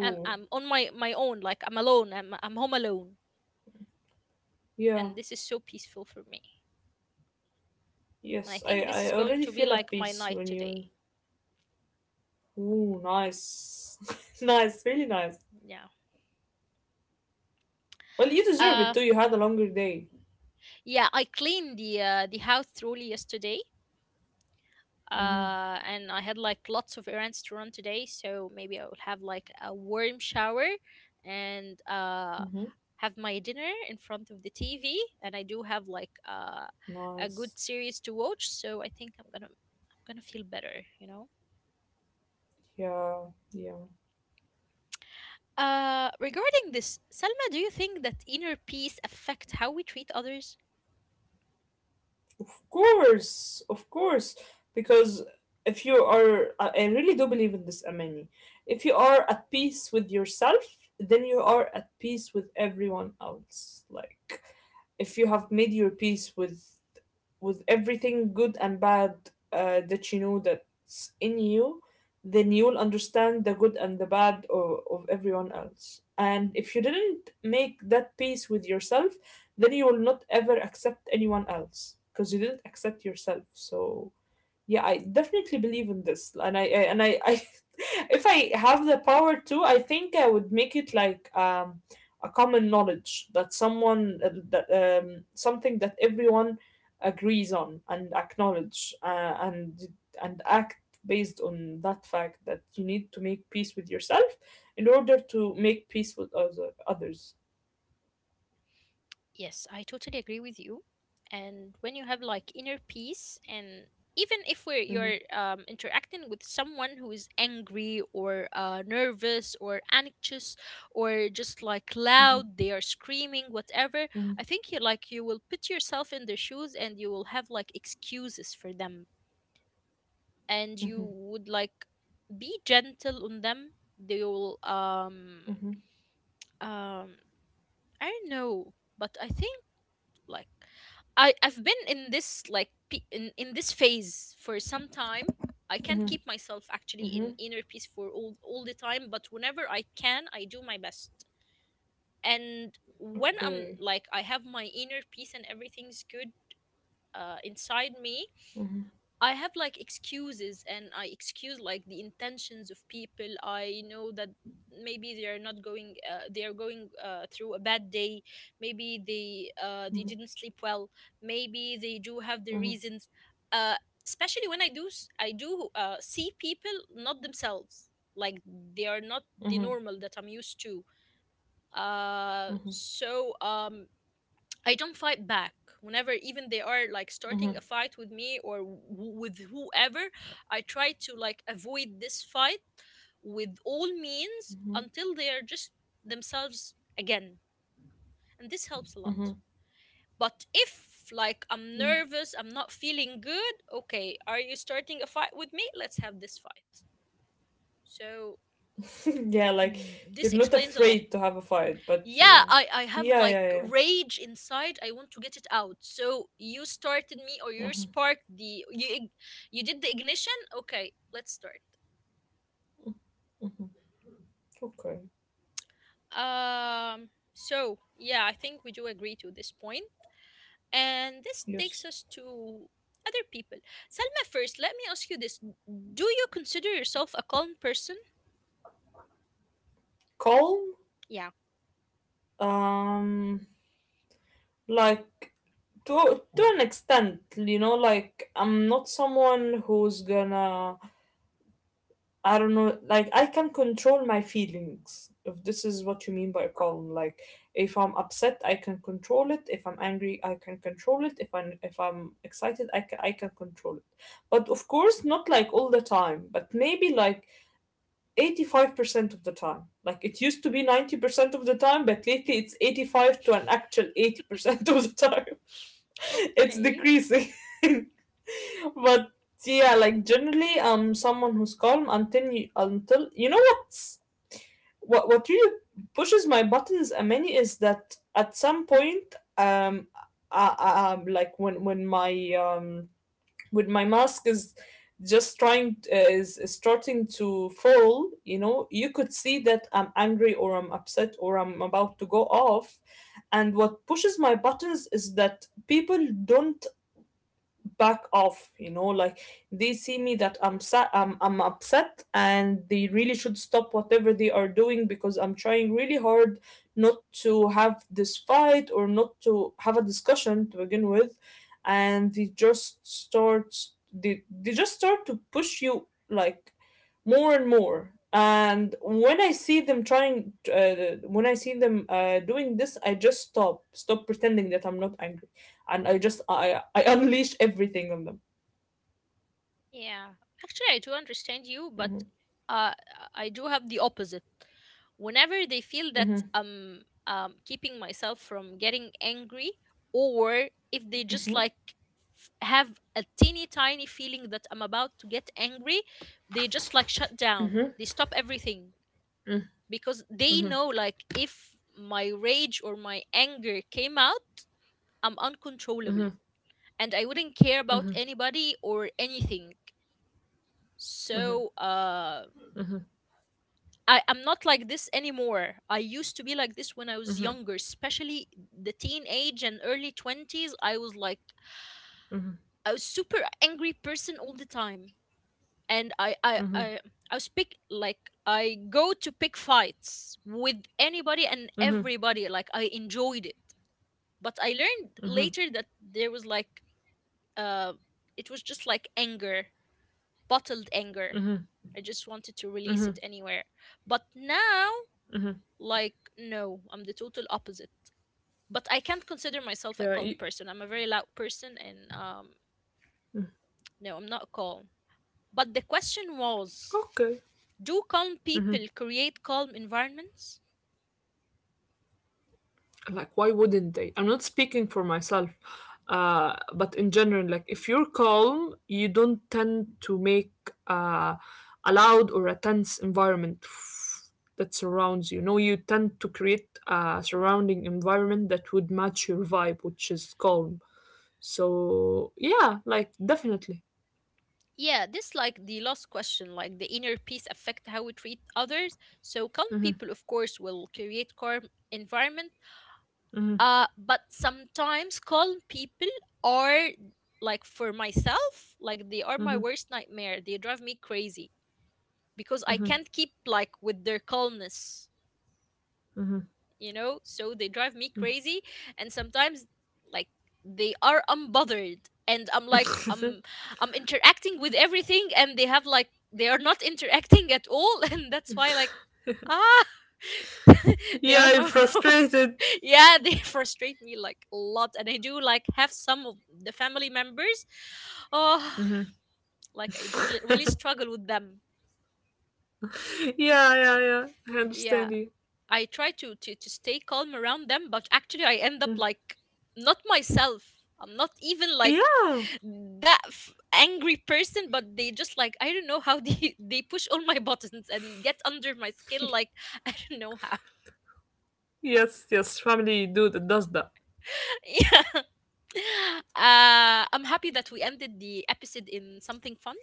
[SPEAKER 1] I'm on my own, like I'm alone, I'm home alone.
[SPEAKER 2] yeah.
[SPEAKER 1] And this is so peaceful for me. And I
[SPEAKER 2] Yes,
[SPEAKER 1] think this is
[SPEAKER 2] I
[SPEAKER 1] going
[SPEAKER 2] already
[SPEAKER 1] to be
[SPEAKER 2] feel at
[SPEAKER 1] like my
[SPEAKER 2] peace
[SPEAKER 1] night
[SPEAKER 2] when
[SPEAKER 1] today.
[SPEAKER 2] you. Ooh, nice. [LAUGHS] nice, really nice.
[SPEAKER 1] Yeah.
[SPEAKER 2] Well, you deserve
[SPEAKER 1] Uh,
[SPEAKER 2] it too. You had a longer day.
[SPEAKER 1] yeah, I cleaned the house thoroughly yesterday.
[SPEAKER 2] Mm-hmm.
[SPEAKER 1] And I had like lots of errands to run today, so maybe I will have like a warm shower, and
[SPEAKER 2] Mm-hmm.
[SPEAKER 1] have my dinner in front of the TV. And I do have like a good
[SPEAKER 2] Nice.
[SPEAKER 1] series to watch, so I think I'm gonna feel better, you know.
[SPEAKER 2] Yeah, yeah.
[SPEAKER 1] Regarding this, Selma, do you think that inner peace affect how we treat others?
[SPEAKER 2] Of course, of course. Because if you are, I really do believe in this, Amani. If you are at peace with yourself, then you are at peace with everyone else. Like, if you have made your peace with everything good and bad that you know that's in you, then you'll understand the good and the bad of everyone else. And if you didn't make that peace with yourself, then you will not ever accept anyone else because you didn't accept yourself. So yeah, I definitely believe in this, and and I, I, [LAUGHS] if I have the power to, I think I would make it like a common knowledge that someone that something that everyone agrees on and acknowledge and and act based on that fact that you need to make peace with yourself in order to make peace with others.
[SPEAKER 1] Yes, I totally agree with you. And when you have like inner peace, and even if
[SPEAKER 2] Mhm,
[SPEAKER 1] you're interacting with someone who is angry or nervous or anxious or just like
[SPEAKER 2] mhm,
[SPEAKER 1] loud, they are screaming, whatever.
[SPEAKER 2] mhm,
[SPEAKER 1] I think you like, you will put yourself in their shoes, and you will have like excuses for them, and you
[SPEAKER 2] mhm,
[SPEAKER 1] would like be gentle on them. They will
[SPEAKER 2] mhm,
[SPEAKER 1] um I don't know, but I think like I've been in this like in this phase for some time. I can't
[SPEAKER 2] mhm,
[SPEAKER 1] keep myself actually in
[SPEAKER 2] mhm.
[SPEAKER 1] inner peace for all the time, but whenever I can, I do my best. And when I'm
[SPEAKER 2] Okay.
[SPEAKER 1] like, I have my inner peace and everything's good inside me,
[SPEAKER 2] Mhm,
[SPEAKER 1] I have like excuses, and I excuse like the intentions of people. I know that maybe they are not going they are going through a bad day. Maybe they
[SPEAKER 2] mhm,
[SPEAKER 1] didn't sleep well. Maybe they do have their
[SPEAKER 2] mhm,
[SPEAKER 1] reasons. uh, Especially when I do see people not themselves, like they are not the
[SPEAKER 2] mhm,
[SPEAKER 1] normal that I'm used to. uh
[SPEAKER 2] mhm.
[SPEAKER 1] so um I don't fight back. Whenever even they are like starting a fight with me with whoever, I try to like avoid this fight with all means
[SPEAKER 2] Mm-hmm,
[SPEAKER 1] until they are just themselves again. And this helps a
[SPEAKER 2] hmm
[SPEAKER 1] lot. But if like I'm
[SPEAKER 2] hmm
[SPEAKER 1] nervous, I'm not feeling good, okay, are you starting a fight with me? Let's have this fight. So
[SPEAKER 2] [LAUGHS] yeah, like you're
[SPEAKER 1] this
[SPEAKER 2] not
[SPEAKER 1] explains a
[SPEAKER 2] afraid
[SPEAKER 1] lot.
[SPEAKER 2] to have a fight, but
[SPEAKER 1] Yeah,
[SPEAKER 2] you.
[SPEAKER 1] I have
[SPEAKER 2] Yeah,
[SPEAKER 1] like
[SPEAKER 2] yeah,
[SPEAKER 1] rage inside. I want to get it out. So you started me or
[SPEAKER 2] yeah.
[SPEAKER 1] you
[SPEAKER 2] Hmm.
[SPEAKER 1] sparked you did the ignition? Okay, let's start.
[SPEAKER 2] Okay.
[SPEAKER 1] So yeah, I think we do agree to this point. And this takes
[SPEAKER 2] Yes.
[SPEAKER 1] us to other people. Selma, first, let me ask you this. Do you consider yourself a calm person?
[SPEAKER 2] Calm.
[SPEAKER 1] Yeah.
[SPEAKER 2] Um, like, to an extent, you know, like I'm not someone who's gonna I don't know, like I can control my feelings, if this is what you mean by calm. Like if I'm upset, I can control it. If I'm angry, I can control it. If I'm excited, I can control it. But of course, not like all the time, but maybe like 85% of the time. Like it used to be 90% of the time, but lately it's 85 to an actual 80% [LAUGHS] of the time. [LAUGHS] It's
[SPEAKER 1] Okay.
[SPEAKER 2] decreasing. [LAUGHS] but yeah, like generally, I'm someone who's calm until you know what really pushes my buttons, a many is that at some point like when my mask is just is starting to fall. You know, you could see that I'm angry or I'm upset or I'm about to go off, and what pushes my buttons is that people don't back off. You know, like they see me that I'm upset and they really should stop whatever they are doing because I'm trying really hard not to have this fight or not to have a discussion to begin with, and they just start they just start to push you like more and more. And when I see them doing this, I just stop pretending that I'm not angry, and I just I unleashed everything on them.
[SPEAKER 1] Yeah, actually, I do understand you, but
[SPEAKER 2] Mm-hmm.
[SPEAKER 1] uh, I do have the opposite. Whenever they feel
[SPEAKER 2] Mm-hmm.
[SPEAKER 1] that I'm keeping myself from getting angry, or if they just have a teeny tiny feeling that I'm about to get angry, they just like shut down. They stop everything because they know like if my rage or my anger came out, I'm uncontrollable
[SPEAKER 2] Mm-hmm.
[SPEAKER 1] and I wouldn't care about anybody or anything, so I'm not like this anymore. I used to be like this when I was
[SPEAKER 2] Mm-hmm.
[SPEAKER 1] younger, especially the teenage and early 20s. I was like
[SPEAKER 2] Mm-hmm.
[SPEAKER 1] I was super angry person all the time, and I I
[SPEAKER 2] Mm-hmm.
[SPEAKER 1] I I was pick like I go to pick fights with anybody and
[SPEAKER 2] Mm-hmm.
[SPEAKER 1] everybody. Like I enjoyed it, but I learned
[SPEAKER 2] Mm-hmm.
[SPEAKER 1] later that there was like uh, it was just like anger, bottled anger.
[SPEAKER 2] Mm-hmm.
[SPEAKER 1] I just wanted to release it anywhere. But now, like, no, I'm the total opposite. But I can't consider myself a
[SPEAKER 2] Yeah.
[SPEAKER 1] calm person. I'm a very loud person, and no, I'm not calm. But the question was,
[SPEAKER 2] Okay.
[SPEAKER 1] do calm people create calm environments?
[SPEAKER 2] Like, why wouldn't they? I'm not speaking for myself, but in general, like, if you're calm, you don't tend to make uh, a loud or a tense environment that surrounds you. No, you tend to create a surrounding environment that would match your vibe, which is calm. So yeah, like definitely.
[SPEAKER 1] Yeah, this like the last question, like the inner peace affect how we treat others. So calm people,
[SPEAKER 2] Hmm.
[SPEAKER 1] of course, will create calm environment.
[SPEAKER 2] Hmm.
[SPEAKER 1] But sometimes calm people are, like for myself, like they are my
[SPEAKER 2] Hmm.
[SPEAKER 1] worst nightmare. They drive me crazy because I can't keep like with their calmness, you know? So they drive me crazy, and sometimes like they are unbothered and I'm like I'm interacting with everything and they have like they are not interacting at all [LAUGHS] and that's why like ah [LAUGHS] they are
[SPEAKER 2] Yeah, you're
[SPEAKER 1] more
[SPEAKER 2] frustrated.
[SPEAKER 1] [LAUGHS] yeah, they frustrate me like a lot, and I do like have some of the family members oh [SIGHS] like I really
[SPEAKER 2] [LAUGHS]
[SPEAKER 1] struggle with them.
[SPEAKER 2] yeah, yeah, yeah. I
[SPEAKER 1] Yeah,
[SPEAKER 2] understand you.
[SPEAKER 1] I try to, to stay calm around them, but actually I end up
[SPEAKER 2] Mm.
[SPEAKER 1] like not myself. I'm not even like
[SPEAKER 2] Yeah.
[SPEAKER 1] angry person, but they just like I don't know how they [LAUGHS] they push all my [LAUGHS] buttons and get under my skin,
[SPEAKER 2] [LAUGHS]
[SPEAKER 1] like [LAUGHS] I don't know how.
[SPEAKER 2] yes, yes. Family do that does that.
[SPEAKER 1] [LAUGHS] Yeah. I'm happy that we ended the episode in something fun.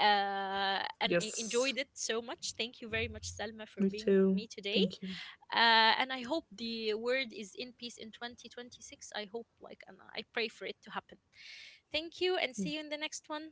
[SPEAKER 1] And I
[SPEAKER 2] Yes.
[SPEAKER 1] enjoyed it so much. Thank you very much,
[SPEAKER 2] Me
[SPEAKER 1] Selma, for being
[SPEAKER 2] too.
[SPEAKER 1] with me today.
[SPEAKER 2] Thank you.
[SPEAKER 1] And I hope the world is in peace in 2026. I hope, like, and I pray for it to happen. Thank you, and see you in the next one.